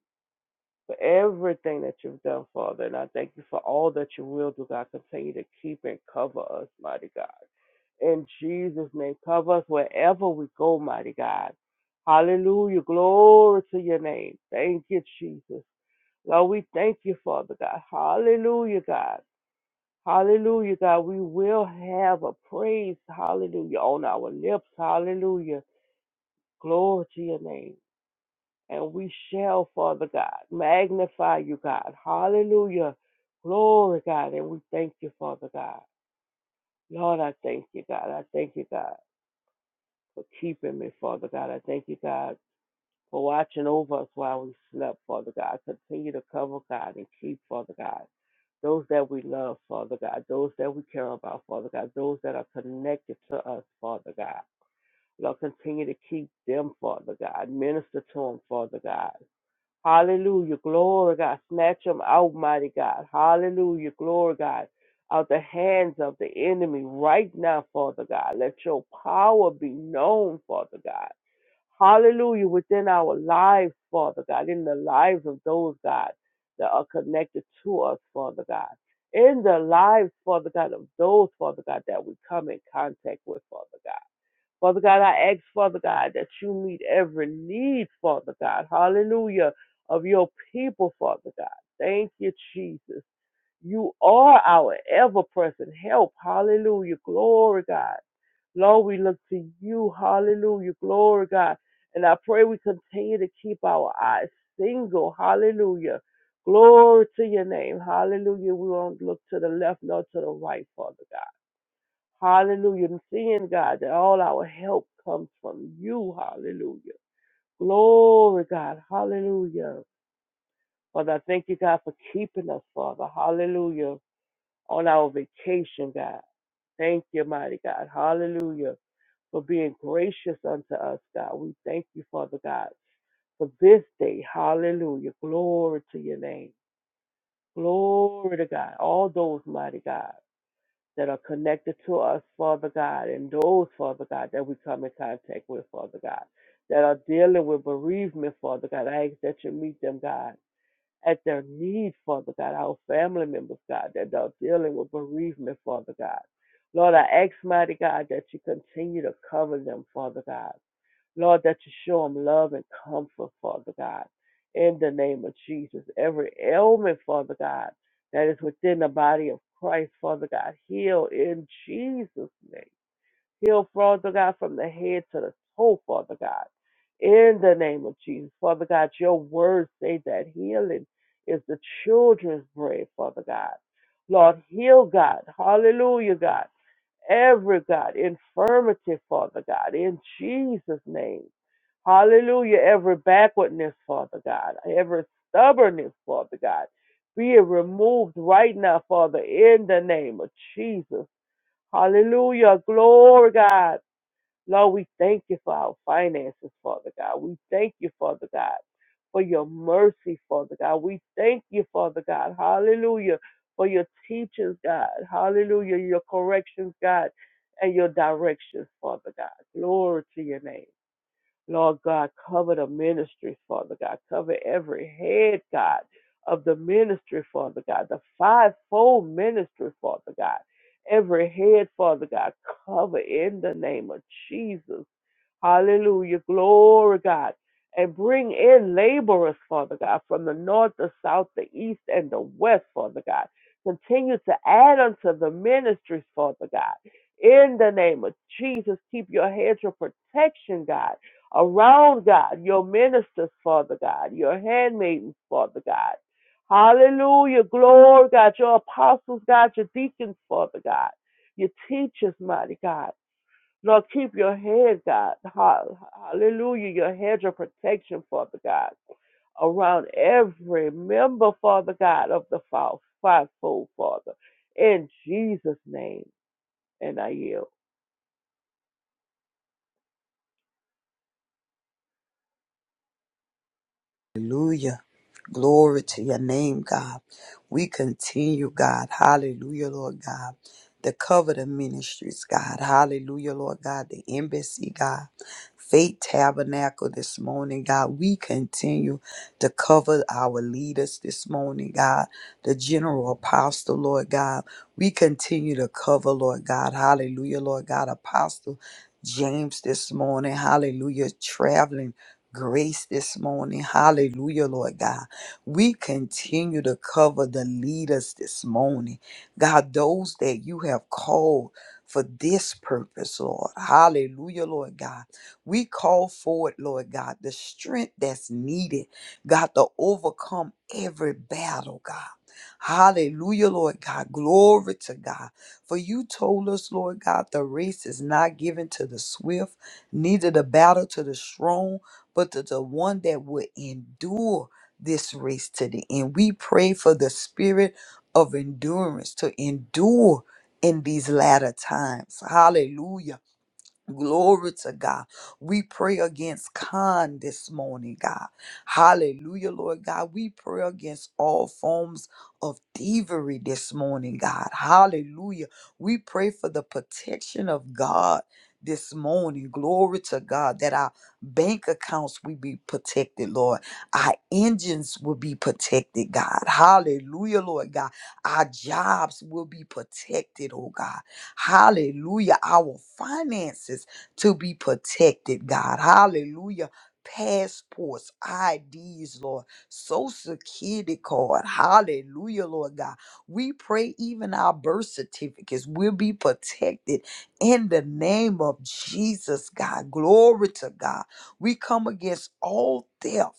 for everything that you've done, Father. And I thank you for all that you will do, God. Continue to keep and cover us, mighty God. In Jesus' name, cover us wherever we go, mighty God. Hallelujah. Glory to your name. Thank you, Jesus. Lord, we thank you, Father God. Hallelujah, God. Hallelujah, God. We will have a praise, hallelujah, on our lips. Hallelujah. Glory to your name and we shall, Father God, magnify you, God. Hallelujah. Glory, God. And we thank you, Father God. Lord, I thank you, God. I thank you, God, for keeping me, Father God. I thank you, God, for watching over us while we slept, Father God. Continue to cover, God, and keep, Father God. Those that we love, Father God. Those that we care about, Father God. Those that are connected to us, Father God. Lord, continue to keep them, Father God. Minister to them, Father God. Hallelujah. Glory, God. Snatch them out, mighty God. Hallelujah. Glory, God. Out the hands of the enemy right now, Father God. Let your power be known, Father God. Hallelujah. Within our lives, Father God. In the lives of those, God, that are connected to us, Father God. In the lives, Father God, of those, Father God, that we come in contact with, Father God. Father God, I ask, Father God, that you meet every need, Father God. Hallelujah. Of your people, Father God. Thank you, Jesus. You are our ever present help. Hallelujah. Glory, God. Lord, we look to you. Hallelujah. Glory, God. And I pray we continue to keep our eyes single. Hallelujah. Glory to your name. Hallelujah. We won't look to the left nor to the right, Father God. Hallelujah. And seeing, God, that all our help comes from you. Hallelujah. Glory, God. Hallelujah. Father, I thank you, God, for keeping us, Father. Hallelujah. On our vacation, God. Thank you, mighty God. Hallelujah. For being gracious unto us, God. We thank you, Father God, for this day. Hallelujah. Glory to your name. Glory to God. All those, mighty God. that are connected to us, Father God, and those, Father God, that we come in contact with, Father God, that are dealing with bereavement, Father God. I ask that you meet them, God, at their need, Father God, our family members, God, that are dealing with bereavement, Father God. Lord, I ask, mighty God, that you continue to cover them, Father God. Lord, that you show them love and comfort, Father God, in the name of Jesus. Every ailment, Father God, that is within the body of Christ, Father God, heal in Jesus' name. Heal, Father God, from the head to the toe, Father God, in the name of Jesus. Father God, your words say that healing is the children's bread, Father God. Lord, heal God. Hallelujah, God. Every God, infirmity, Father God, in Jesus' name Hallelujah. Every backwardness, Father God. Every stubbornness, Father God. Be it removed right now, Father, in the name of Jesus. Hallelujah. Glory, God. Lord, we thank you for our finances, Father God. We thank you, Father God, for your mercy, Father God. We thank you, Father God. Hallelujah. For your teachings, God. Hallelujah. Your corrections, God, and your directions, Father God. Glory to your name. Lord God, cover the ministry, Father God. Cover every head, God, of the ministry, Father God. The fivefold ministry, Father God. Every head, Father God, cover in the name of Jesus. Hallelujah. Glory, God. And bring in laborers, Father God, from the north, the south, the east, and the west, Father God. Continue to add unto the ministries, Father God. In the name of Jesus, keep your hedge of protection, God, around God, your ministers, Father God, your handmaidens, Father God. Hallelujah. Glory, God, your apostles, God, your deacons, Father God, your teachers, mighty God. Lord, keep your head, God. Ha- Hallelujah. Your hedge of protection, Father God, around every member, Father God, of the fou- fivefold, Father. In Jesus' name, and I yield. Hallelujah. Glory to your name, God. We continue, God. Hallelujah, Lord God. The Covenant Ministries, God. Hallelujah, Lord God. The Embassy, God. Faith Tabernacle this morning, God. We continue to cover our leaders this morning, God. The General Apostle, Lord God. We continue to cover, Lord God. Hallelujah, Lord God. Apostle James this morning. Hallelujah. Traveling grace this morning. Hallelujah, Lord God. We continue to cover the leaders this morning. God, those that you have called for this purpose, Lord. Hallelujah, Lord God. We call forward, Lord God, the strength that's needed, God, to overcome every battle, God. Hallelujah, Lord God. Glory to God. For you told us, Lord God, the race is not given to the swift, neither the battle to the strong but to the one that would endure this race to the end. We pray for the spirit of endurance to endure in these latter times. Hallelujah Glory to God. We pray against con this morning, God. Hallelujah, Lord God. We pray against all forms of thievery this morning, God. Hallelujah. We pray for the protection of God this morning. Glory to God that our bank accounts will be protected, Lord. Our engines will be protected, God. Hallelujah, Lord God. Our jobs will be protected, oh God. Hallelujah. Our finances to be protected, God. Hallelujah. Passports, IDs, Lord, social security card. Hallelujah, Lord God. We pray even our birth certificates will be protected in the name of Jesus, God. Glory to God. We come against all theft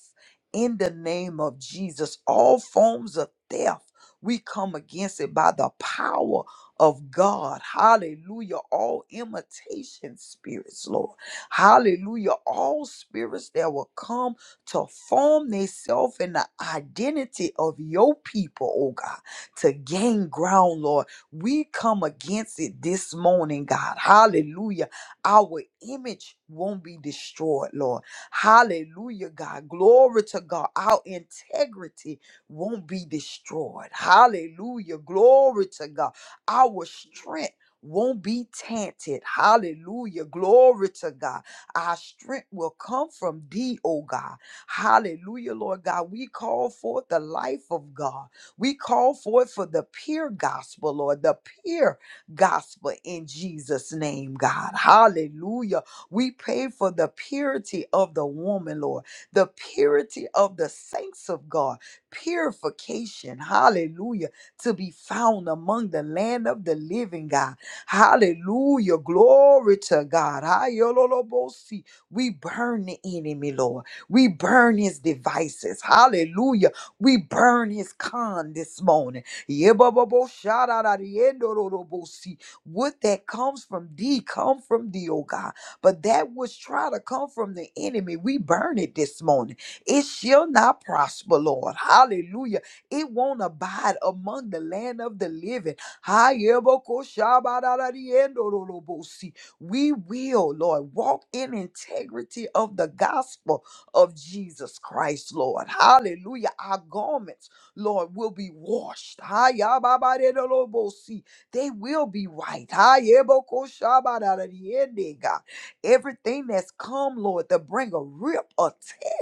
in the name of Jesus, all forms of theft. We come against it by the power of God. Hallelujah. All imitation spirits, Lord. Hallelujah. All spirits that will come to form themselves in the identity of your people, oh God, to gain ground, Lord. We come against it this morning, God. Hallelujah. Our image won't be destroyed, Lord. Hallelujah, God. Glory to God. Our integrity won't be destroyed. Hallelujah. Glory to God. Our strength won't be tainted. Hallelujah. Glory to God. Our strength will come from thee, oh God. Hallelujah, Lord God. We call forth the life of God. We call forth for the pure gospel, Lord, the pure gospel in Jesus' name, God. Hallelujah. We pray for the purity of the woman, Lord, the purity of the saints of God, purification. Hallelujah to be found among the land of the living, God. Hallelujah. Glory to God. Ayololobosi. We burn the enemy, Lord. We burn his devices. Hallelujah. We burn his con this morning. Yebababoshararariendorolobosi. What that comes from thee, come from thee, oh God. But that which try to come from the enemy, we burn it this morning. It shall not prosper, Lord. Hallelujah. It won't abide among the land of the living. Ha-ye-bo-ko-sha-ba-da-da-di-en-do-do-do-bo-si. We will, Lord, walk in integrity of the gospel of Jesus Christ, Lord. Hallelujah. Our garments, Lord, will be washed. Ha-ya-ba-ba-de-do-do-bo-si. They will be right. Ha-ye-bo-ko-sha-ba-da-da-di-en-de, God. Everything that's come, Lord, to bring a rip, or tear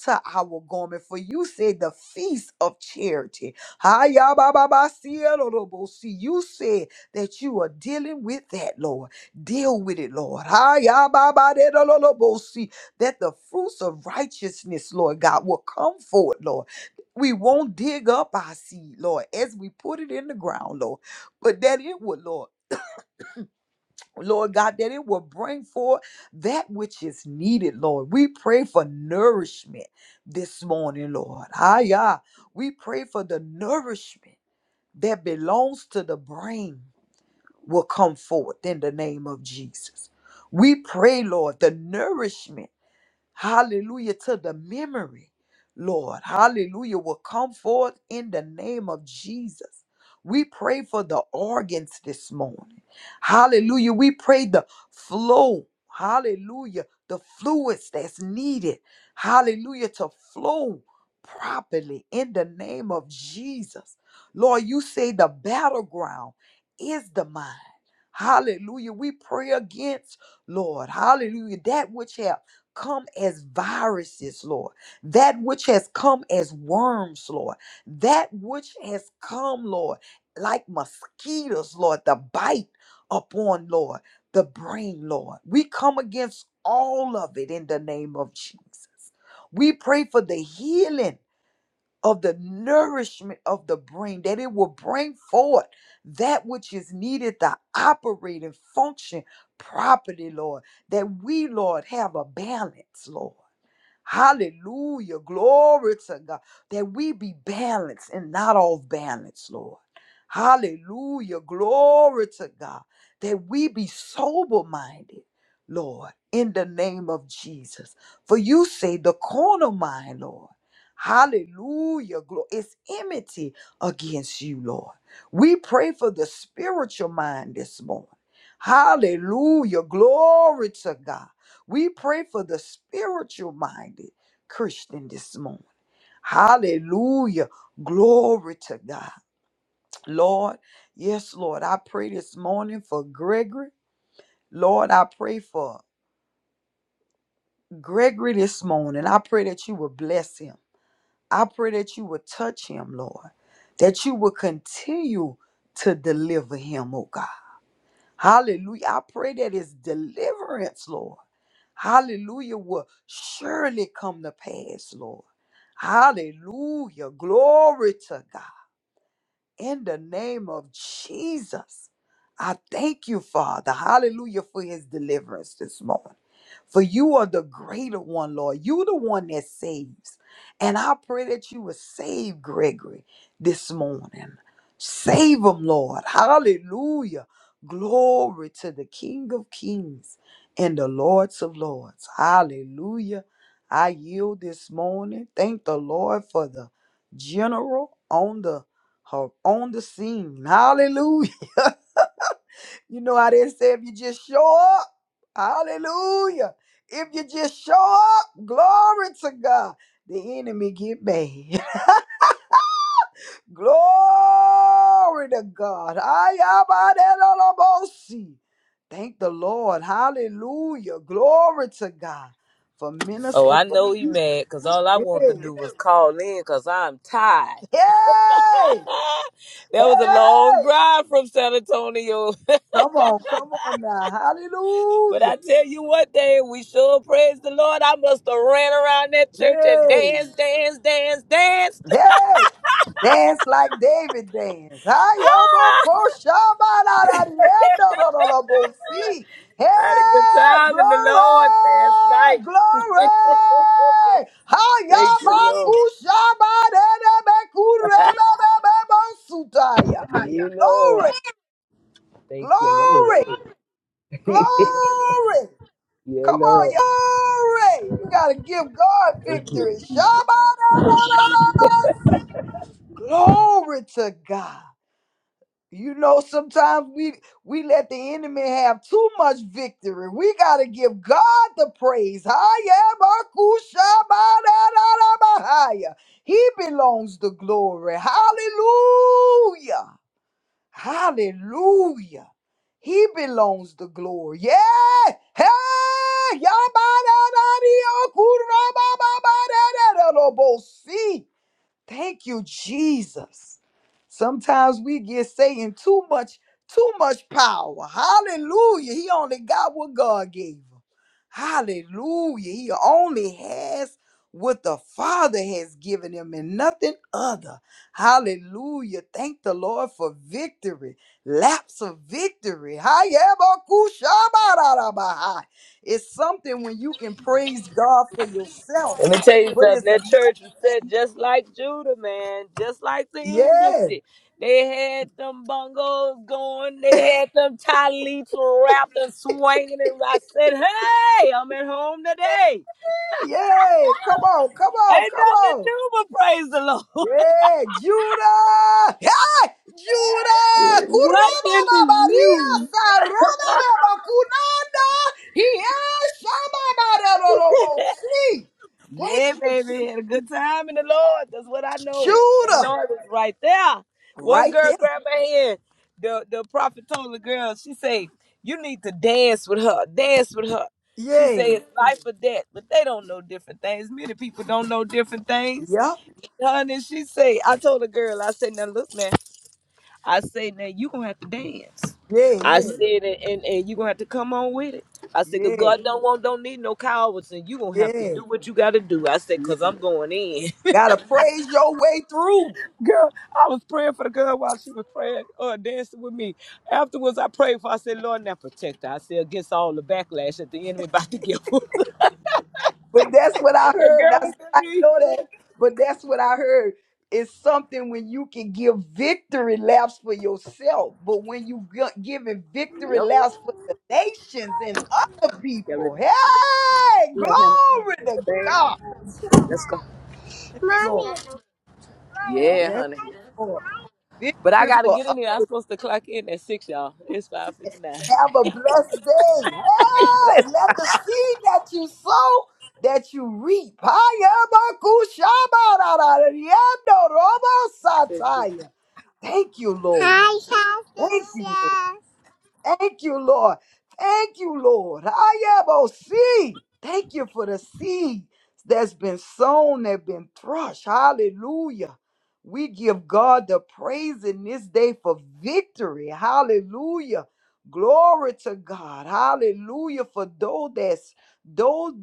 to our garment. For you said the feast of charity. ya ba ba ba Hayabababasielorobosi. You said that you are dealing with that, Lord. Deal with it, Lord. Hiya ba ba de Hayababadelolobosi. That the fruits of righteousness, Lord God, will come forward, Lord. We won't dig up our seed, Lord, as we put it in the ground, Lord, but that it will, Lord. Lord God, that it will bring forth that which is needed, Lord. We pray for nourishment this morning, Lord. Hiya. We pray for the nourishment that belongs to the brain will come forth in the name of Jesus. We pray, Lord, the nourishment Hallelujah to the memory, Lord. Hallelujah will come forth in the name of Jesus. We pray for the organs this morning. Hallelujah. We pray the flow. Hallelujah. The fluids that's needed. Hallelujah to flow properly in the name of Jesus. Lord, you say the battleground is the mind. Hallelujah. We pray against, Lord, hallelujah, that which have come as viruses, Lord, that which has come as worms, Lord, that which has come, Lord, like mosquitoes, Lord, the bite upon, Lord, the brain, Lord. We come against all of it in the name of Jesus. We pray for the healing of the nourishment of the brain, that it will bring forth that which is needed to operate and function properly, Lord. That we, Lord, have a balance, Lord Hallelujah. Glory to God. That we be balanced and not off balance, Lord. Hallelujah. Glory to God. That we be sober minded, Lord, in the name of Jesus. For you say the corner mind, Lord. Hallelujah. Glory. It's enmity against you, Lord. We pray for the spiritual mind this morning. Hallelujah. Glory to God we pray for the spiritual minded Christian this morning. Hallelujah. Glory to God. Lord, yes, Lord, I pray this morning for Gregory. Lord, I pray for Gregory this morning. I pray that you will bless him. I pray that you will touch him, Lord, that you will continue to deliver him, oh God. Hallelujah. I pray that it's deliverance, Lord. Hallelujah will surely come to pass, Lord. Hallelujah. Glory to God. In the name of Jesus, I thank you, Father. Hallelujah for his deliverance this morning. For you are the greater one, Lord. You the one that saves. And I pray that you would save Gregory this morning. Save him, Lord. Hallelujah. Glory to the King of Kings and the Lords of Lords. Hallelujah. I yield this morning. Thank the Lord for the general on the her on the scene. Hallelujah. You know I didn't say if you just show up. Hallelujah. If you just show up, glory to God. The enemy get mad. glory to God. Ayabadelolobosi. Thank the Lord. Hallelujah. Glory to God. For Oh, minister I for know he mad, cause all I want to Yay. do was call in, cause I'm tired. Yay. That was a long Hey. drive from San Antonio. Come on. Come on now. But Hallelujah. I tell you what, day we sure praise the Lord. I must have ran around that church and Yay. danced, danced, danced, danced. Hey, Dance like David dance. Ay, obo, Ah! ko, shaba, la, la, di, endo, do, do, lo, bo, si. I had a good Hey, time in the Lord last night. glory, glory. Ay, Thank you, obo, ku, Lord. shaba, de, de, be, ku, re, be, be, be, bo, su, ta, ya. You Lord. Glory, Thank you, Lord. glory, yeah, glory. Come on, Lord. y'all. glory. You got to give God Thank you. victory. Shaba, da, da, da, da, bo, si. Glory to God. You know, sometimes we we let the enemy have too much victory. We gotta give God the praise. Hayabakushabadadadabahaya. He belongs the glory. Hallelujah. Hallelujah. He belongs the glory. Yeah. Hey. Yabadadadiokurabababadadadadobosi. Thank you, Jesus. Sometimes we get saying too much, too much power. Hallelujah. He only got what God gave him. Hallelujah. He only has what the Father has given him and nothing other. Hallelujah. Thank the Lord for victory. Laps of victory. Hayabakushabarabahai. It's something when you can praise God for yourself, Let me tell you but something. it's That another church was set thing. just like Judah, man, just like the Yeah. embassy. They had them bungles going. They had them tie leaps wrapped and swinging. And I said, "Hey, I'm at home today. Yay! Come on, come on, Ain't come nothing to on. do but praise the Lord." Yeah, Judah! Hey, Judah! What in the Kurama Maria, you? saraba baba kunanda. Yes, shama bararolobo. See, thank Yeah, baby, you, had a good time in the Lord. That's what I know. The Judah. Lord was right there. One Right girl there. grabbed my hand. The the prophet told the girl, she say, you need to dance with her. Dance with her. She say Yeah, it's life or death, but they don't know different things. Many people don't know different things. yup. Honey, she say, I told the girl, I said, now look, man. I said, now you gonna have to dance. Yeah, I yeah, said, and, and, and you gonna have to come on with it. I said, cause yeah, God don't want, don't need no cowards, and you gonna have to yeah. do what you gotta do. I said, yeah. cause I'm going in. Gotta praise your way through. Girl, I was praying for the girl while she was praying, uh, dancing with me. Afterwards, I prayed for. her. I said, "Lord, now protect her." I said, "Against all the backlash that the enemy about to give her." But that's what I that heard. girl That's, looked at I me. know that. But that's what I heard. It's something when you can give victory laps for yourself, but when you gi- giving victory Yep. laps for the nations and other Get people, ready. hey, Have him in glory the to bag. God, Let's go. Lord. Yeah, Yes, honey. Lord. But I Victory gotta for others. get in here. I'm supposed to clock in at six, y'all. It's five fifty nine. Have a blessed day. Hey, let the seed that you sow, that you reap. Hayabakushabararariandorobosataya. Thank you, Lord. Hi, Thank you, Salsa. Thank you, Lord. Thank you, Lord. see. Thank you for the seed that's been sown, that has been thrust. Hallelujah. We give God the praise in this day for victory. Hallelujah. Glory to God. Hallelujah. For though that's though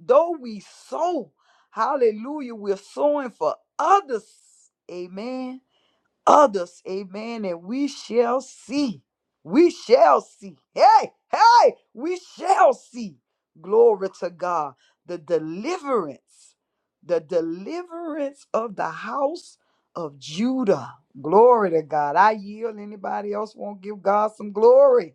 though we sow, hallelujah, we're sowing for others. Amen others. Amen. And we shall see. We shall see. Hey, hey, we shall see. Glory to God. The deliverance, the deliverance of the house of Judah. Glory to God. I yield. Anybody else want to give God some glory?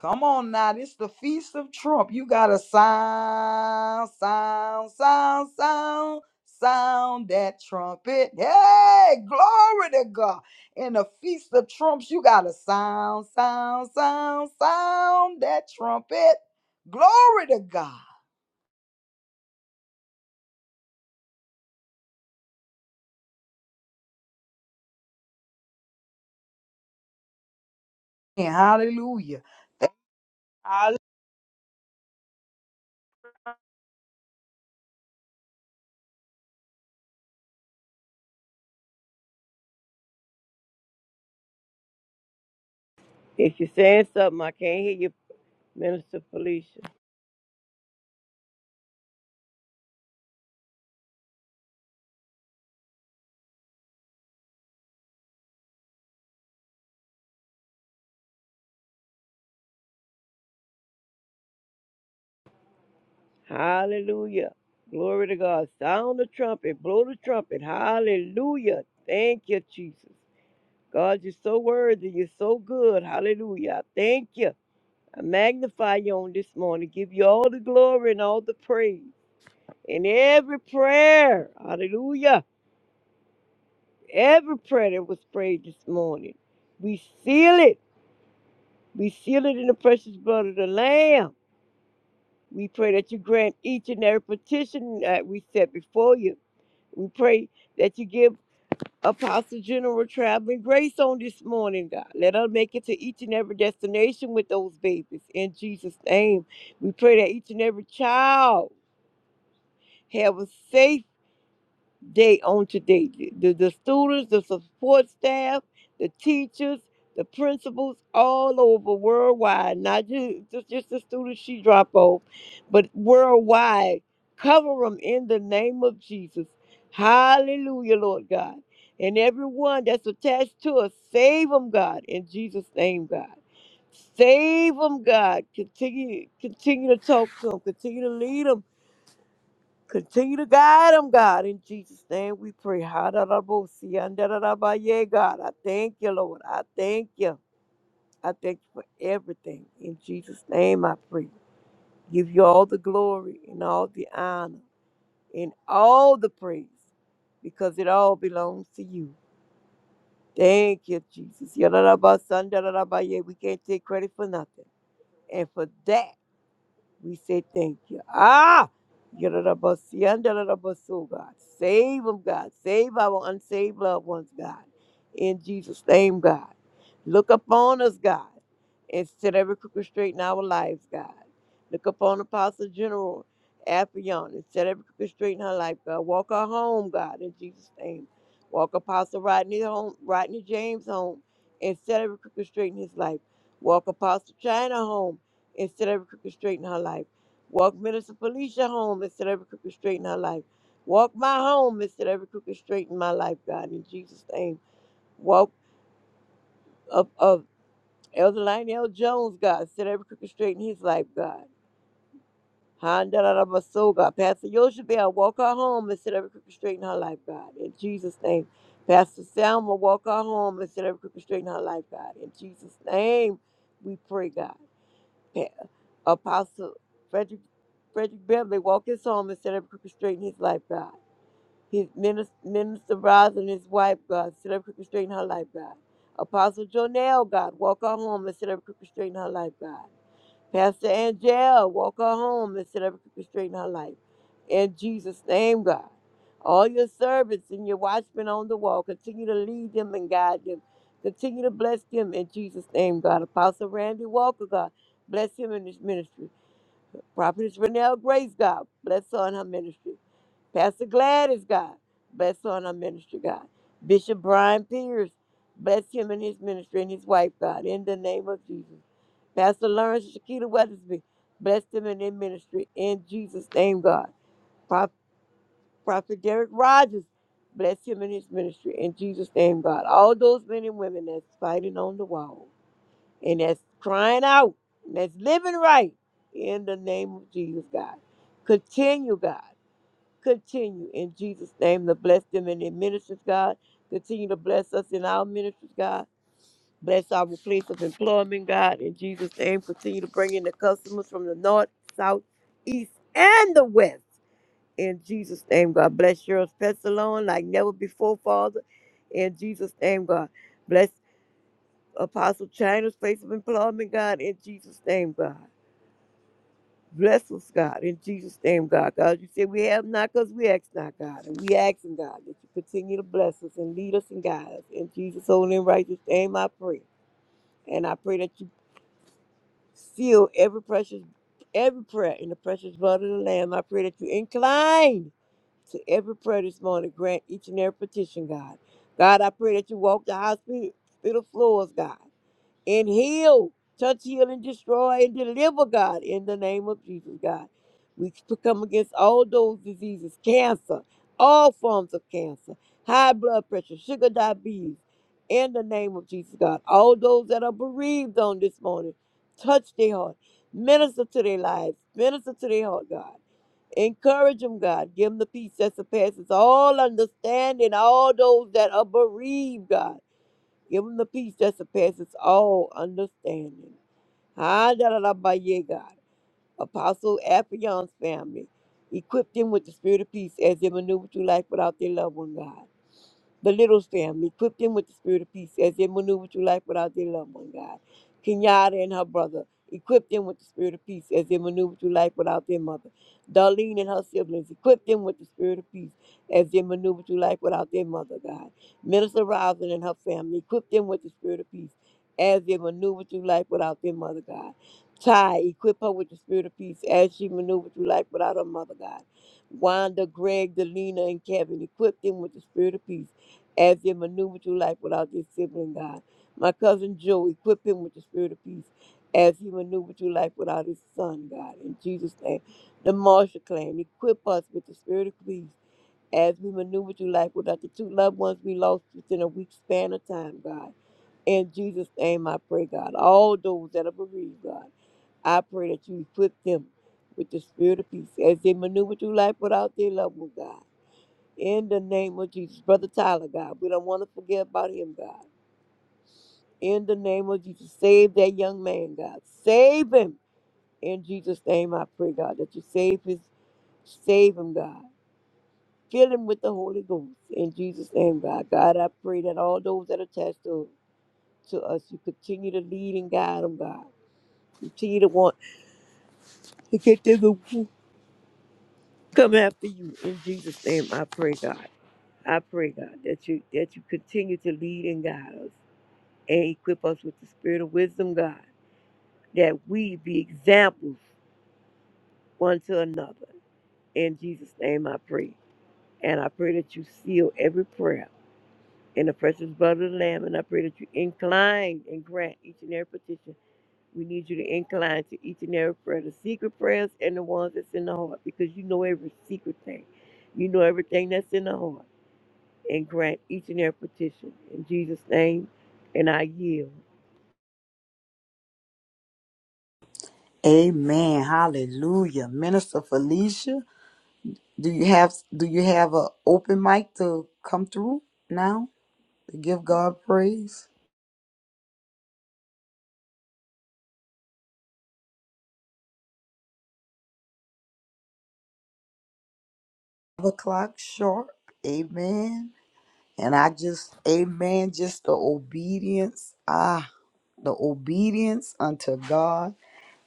Come on now, this the feast of Trump. You gotta sound, sound, sound, sound, sound that trumpet. Hey, glory to God. In the feast of trumps, you gotta sound, sound, sound, sound that trumpet. Glory to God. And hallelujah. Hallelujah. If you're saying something, I can't hear you, Minister Felicia. Hallelujah. Glory to God. Sound the trumpet. Blow the trumpet. Hallelujah. Thank you, Jesus. God, you're so worthy. You're so good. Hallelujah. I Thank you. I magnify you on this morning. Give you all the glory and all the praise. And every prayer, hallelujah, every prayer that was prayed this morning, we seal it. We seal it in the precious blood of the Lamb. We pray that you grant each and every petition that we set before you. We pray that you give Apostle General traveling grace on this morning, God. Let her make it to each and every destination with those babies. In Jesus' name, we pray that each and every child have a safe day on today. The, the students, the support staff, the teachers, the principals all over worldwide, not ju- just, just the students she drop off, but worldwide. Cover them in the name of Jesus. Hallelujah, Lord God. And everyone that's attached to us, save them, God, in Jesus' name, God. Save them, God. Continue, continue to talk to them. Continue to lead them Continue to guide them, God. In Jesus' name we pray. Ha-da-da-bo-si, an-da-da-da-ba-ye, God. I thank you, Lord. I thank you. I thank you for everything. In Jesus' name I pray. Give you all the glory and all the honor and all the praise because it all belongs to you. Thank you, Jesus. Ya-da-da-ba-san, da-da-da-ba-ye. We can't take credit for nothing. And for that. We say thank you. Ah! Yadadabasu, God. Save them, God. Save our unsaved loved ones, God. In Jesus' name, God. Look upon us, God, and set every crooked straight in our lives, God. Look upon Apostle General Afion and set every crooked straight in her life, God. Walk her home, God, in Jesus' name. Walk Apostle Rodney home, Rodney James home, and set every crooked straight in his life. Walk Apostle China home Instead, set every crooked straight in her life. Walk Minister Felicia home Instead, set every crooked straight in her life. Walk my home Instead, set every crooked straight in my life, God, in Jesus' name. Walk of, of Elder Lionel Jones, God, set every crooked straight in his life, God. Handalabaso, God. Pastor Yoshabel, walk her home Instead, set every crooked straight in her life, God, in Jesus' name. Pastor Selma, walk her home Instead, set every crooked straight in her life, God, in Jesus' name. We pray, God. Apostle Frederick, Frederick Beverly walked his home instead of up crooked straight in his life, God. His minister, minister Roz and his wife, God, instead of crooked straight in her life, God. Apostle Jonell, God, walk her home instead of up crooked straight in her life, God. Pastor Angel, walk her home instead of up crooked straight in her life. In Jesus' name, God. All your servants and your watchmen on the wall, continue to lead them and guide them. Continue to bless them in Jesus' name, God. Apostle Randy Walker, God, bless him in his ministry. Prophetess Renelle Grace, God, bless her and her ministry. Pastor Gladys, God, bless her and her ministry, God. Bishop Brian Pierce, bless him and his ministry and his wife, God, in the name of Jesus. Pastor Lawrence and Shakita Weathersby, bless them and their ministry in Jesus' name, God. Pro- Prophet Derek Rogers, bless him and his ministry in Jesus' name, God. All those men and women that's fighting on the wall and that's crying out, and that's living right in the name of Jesus, God. Continue, God. Continue in Jesus' name to bless them in their ministries, God. Continue to bless us in our ministries, God. Bless our place of employment, God. In Jesus' name, continue to bring in the customers from the north, south, east, and the west. In Jesus' name, God. Bless your alone like never before, Father. In Jesus' name, God. Bless. Apostle China's place of employment, God, in Jesus' name, God. Bless us, God, in Jesus' name, God. God, you said we have not because we ask not, God. And we asking, God, that you continue to bless us and lead us and guide us. In Jesus' holy and righteous name, I pray. And I pray that you seal every precious, every prayer in the precious blood of the Lamb. I pray that you incline to every prayer this morning. Grant each and every petition, God. God, I pray that you walk the hospital floors, God. and heal, touch, heal, and destroy, and deliver, God, in the name of Jesus, God. We come against all those diseases, cancer, all forms of cancer, high blood pressure, sugar diabetes, in the name of Jesus, God. All those that are bereaved on this morning, touch their heart, minister to their lives, minister to their heart, God. Encourage them, God. Give them the peace that surpasses all understanding. All those that are bereaved, God. Give them the peace that surpasses all understanding. Ah, da, da, da, ba, yeah, God. Apostle Afion's family. Equip them with the spirit of peace as they maneuver through life without their loved one, God. Belittles them, equip them with the spirit of peace as they maneuver through life without their loved one, God. Kenyatta and her brother, equip them with the spirit of peace as they maneuver through life without their mother. Darlene and her siblings, equip them with the spirit of peace as they maneuver through life without their mother, God. Minister Rosin and her family, equip them with the spirit of peace as they maneuver through life without their mother, God. Ty, equip her with the spirit of peace as she maneuvers through life without her mother, God. Wanda, Greg, Delina, and Kevin, equip them with the spirit of peace as they maneuver through life without their sibling, God. My cousin Joe, equip him with the spirit of peace as he maneuvered through life without his son, God. In Jesus' name. The Marshall clan, equip us with the spirit of peace as we maneuver through life without the two loved ones we lost within a week span of time, God. In Jesus' name, I pray, God. All those that are bereaved, God, I pray that you equip them with the spirit of peace as they maneuver through life without their loved one, God. In the name of Jesus, Brother Tyler, God, we don't want to forget about him, God. In the name of Jesus, save that young man, God. Save him. In Jesus' name, I pray, God, that you save his, save him, God. Fill him with the Holy Ghost. In Jesus' name, God. God, I pray that all those that are attached to, to us, you continue to lead and guide them, God. Continue to want to get them to come after you. In Jesus' name, I pray, God. I pray, God, that you that you continue to lead and guide us. and equip us with the spirit of wisdom, God, that we be examples one to another. In Jesus' name I pray. And I pray that you seal every prayer in the precious blood of the Lamb. And I pray that you incline and grant each and every petition. We need you to incline to each and every prayer, the secret prayers and the ones that's in the heart, because you know every secret thing. You know everything that's in the heart. And grant each and every petition. In Jesus' name, and I yield. Amen. Hallelujah. Minister Felicia, do you have do you have an open mic to come through now to give God praise? o'clock sharp. Amen. And I just, amen, just the obedience. Ah, the obedience unto God.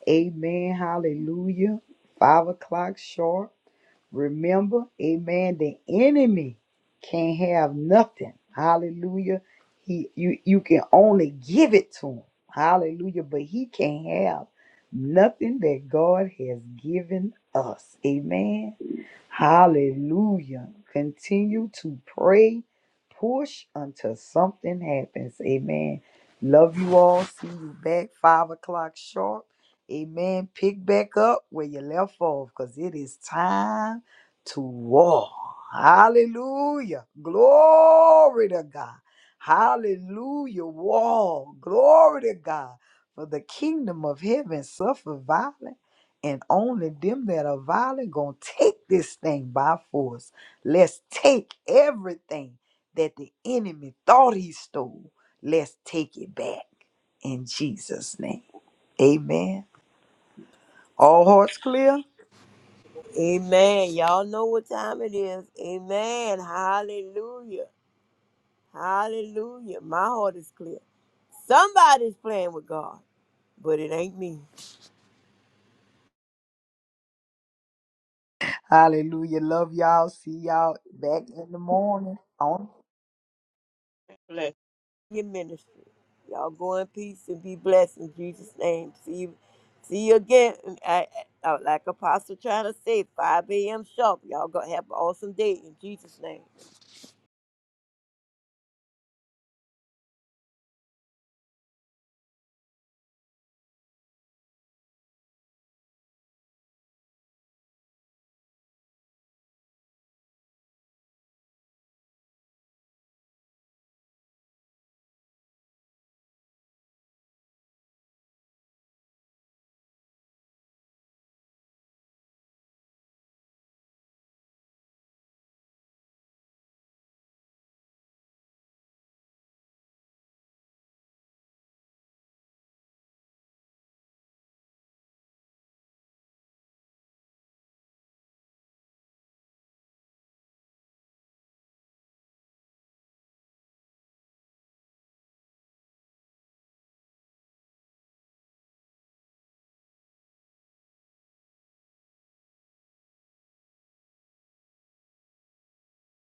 Amen. Hallelujah. Five o'clock sharp. Remember, amen, the enemy can't have nothing. Hallelujah. He you you can only give it to him. Hallelujah. But he can't have nothing that God has given us. Amen. Hallelujah. Continue to pray, push until something happens. Amen. Love you all. See you back five o'clock sharp. Amen. Pick back up where you left off because it is time to war. Hallelujah. Glory to God. Hallelujah. War. Glory to God. For the kingdom of heaven suffer violence and only them that are violent gonna take this thing by force. Let's take everything that the enemy thought he stole. Let's take it back in Jesus' name. Amen. All hearts clear. Amen. Y'all know what time it is. Amen. Hallelujah. Hallelujah. My heart is clear. Somebody's playing with God, but it ain't me. Hallelujah. Love y'all. See y'all back in the morning. on. Your ministry. Y'all go in peace and be blessed in Jesus' name. See you, see you again. I, I, like Apostle trying to say, 5 a.m. sharp. Y'all gonna have an awesome day in Jesus' name.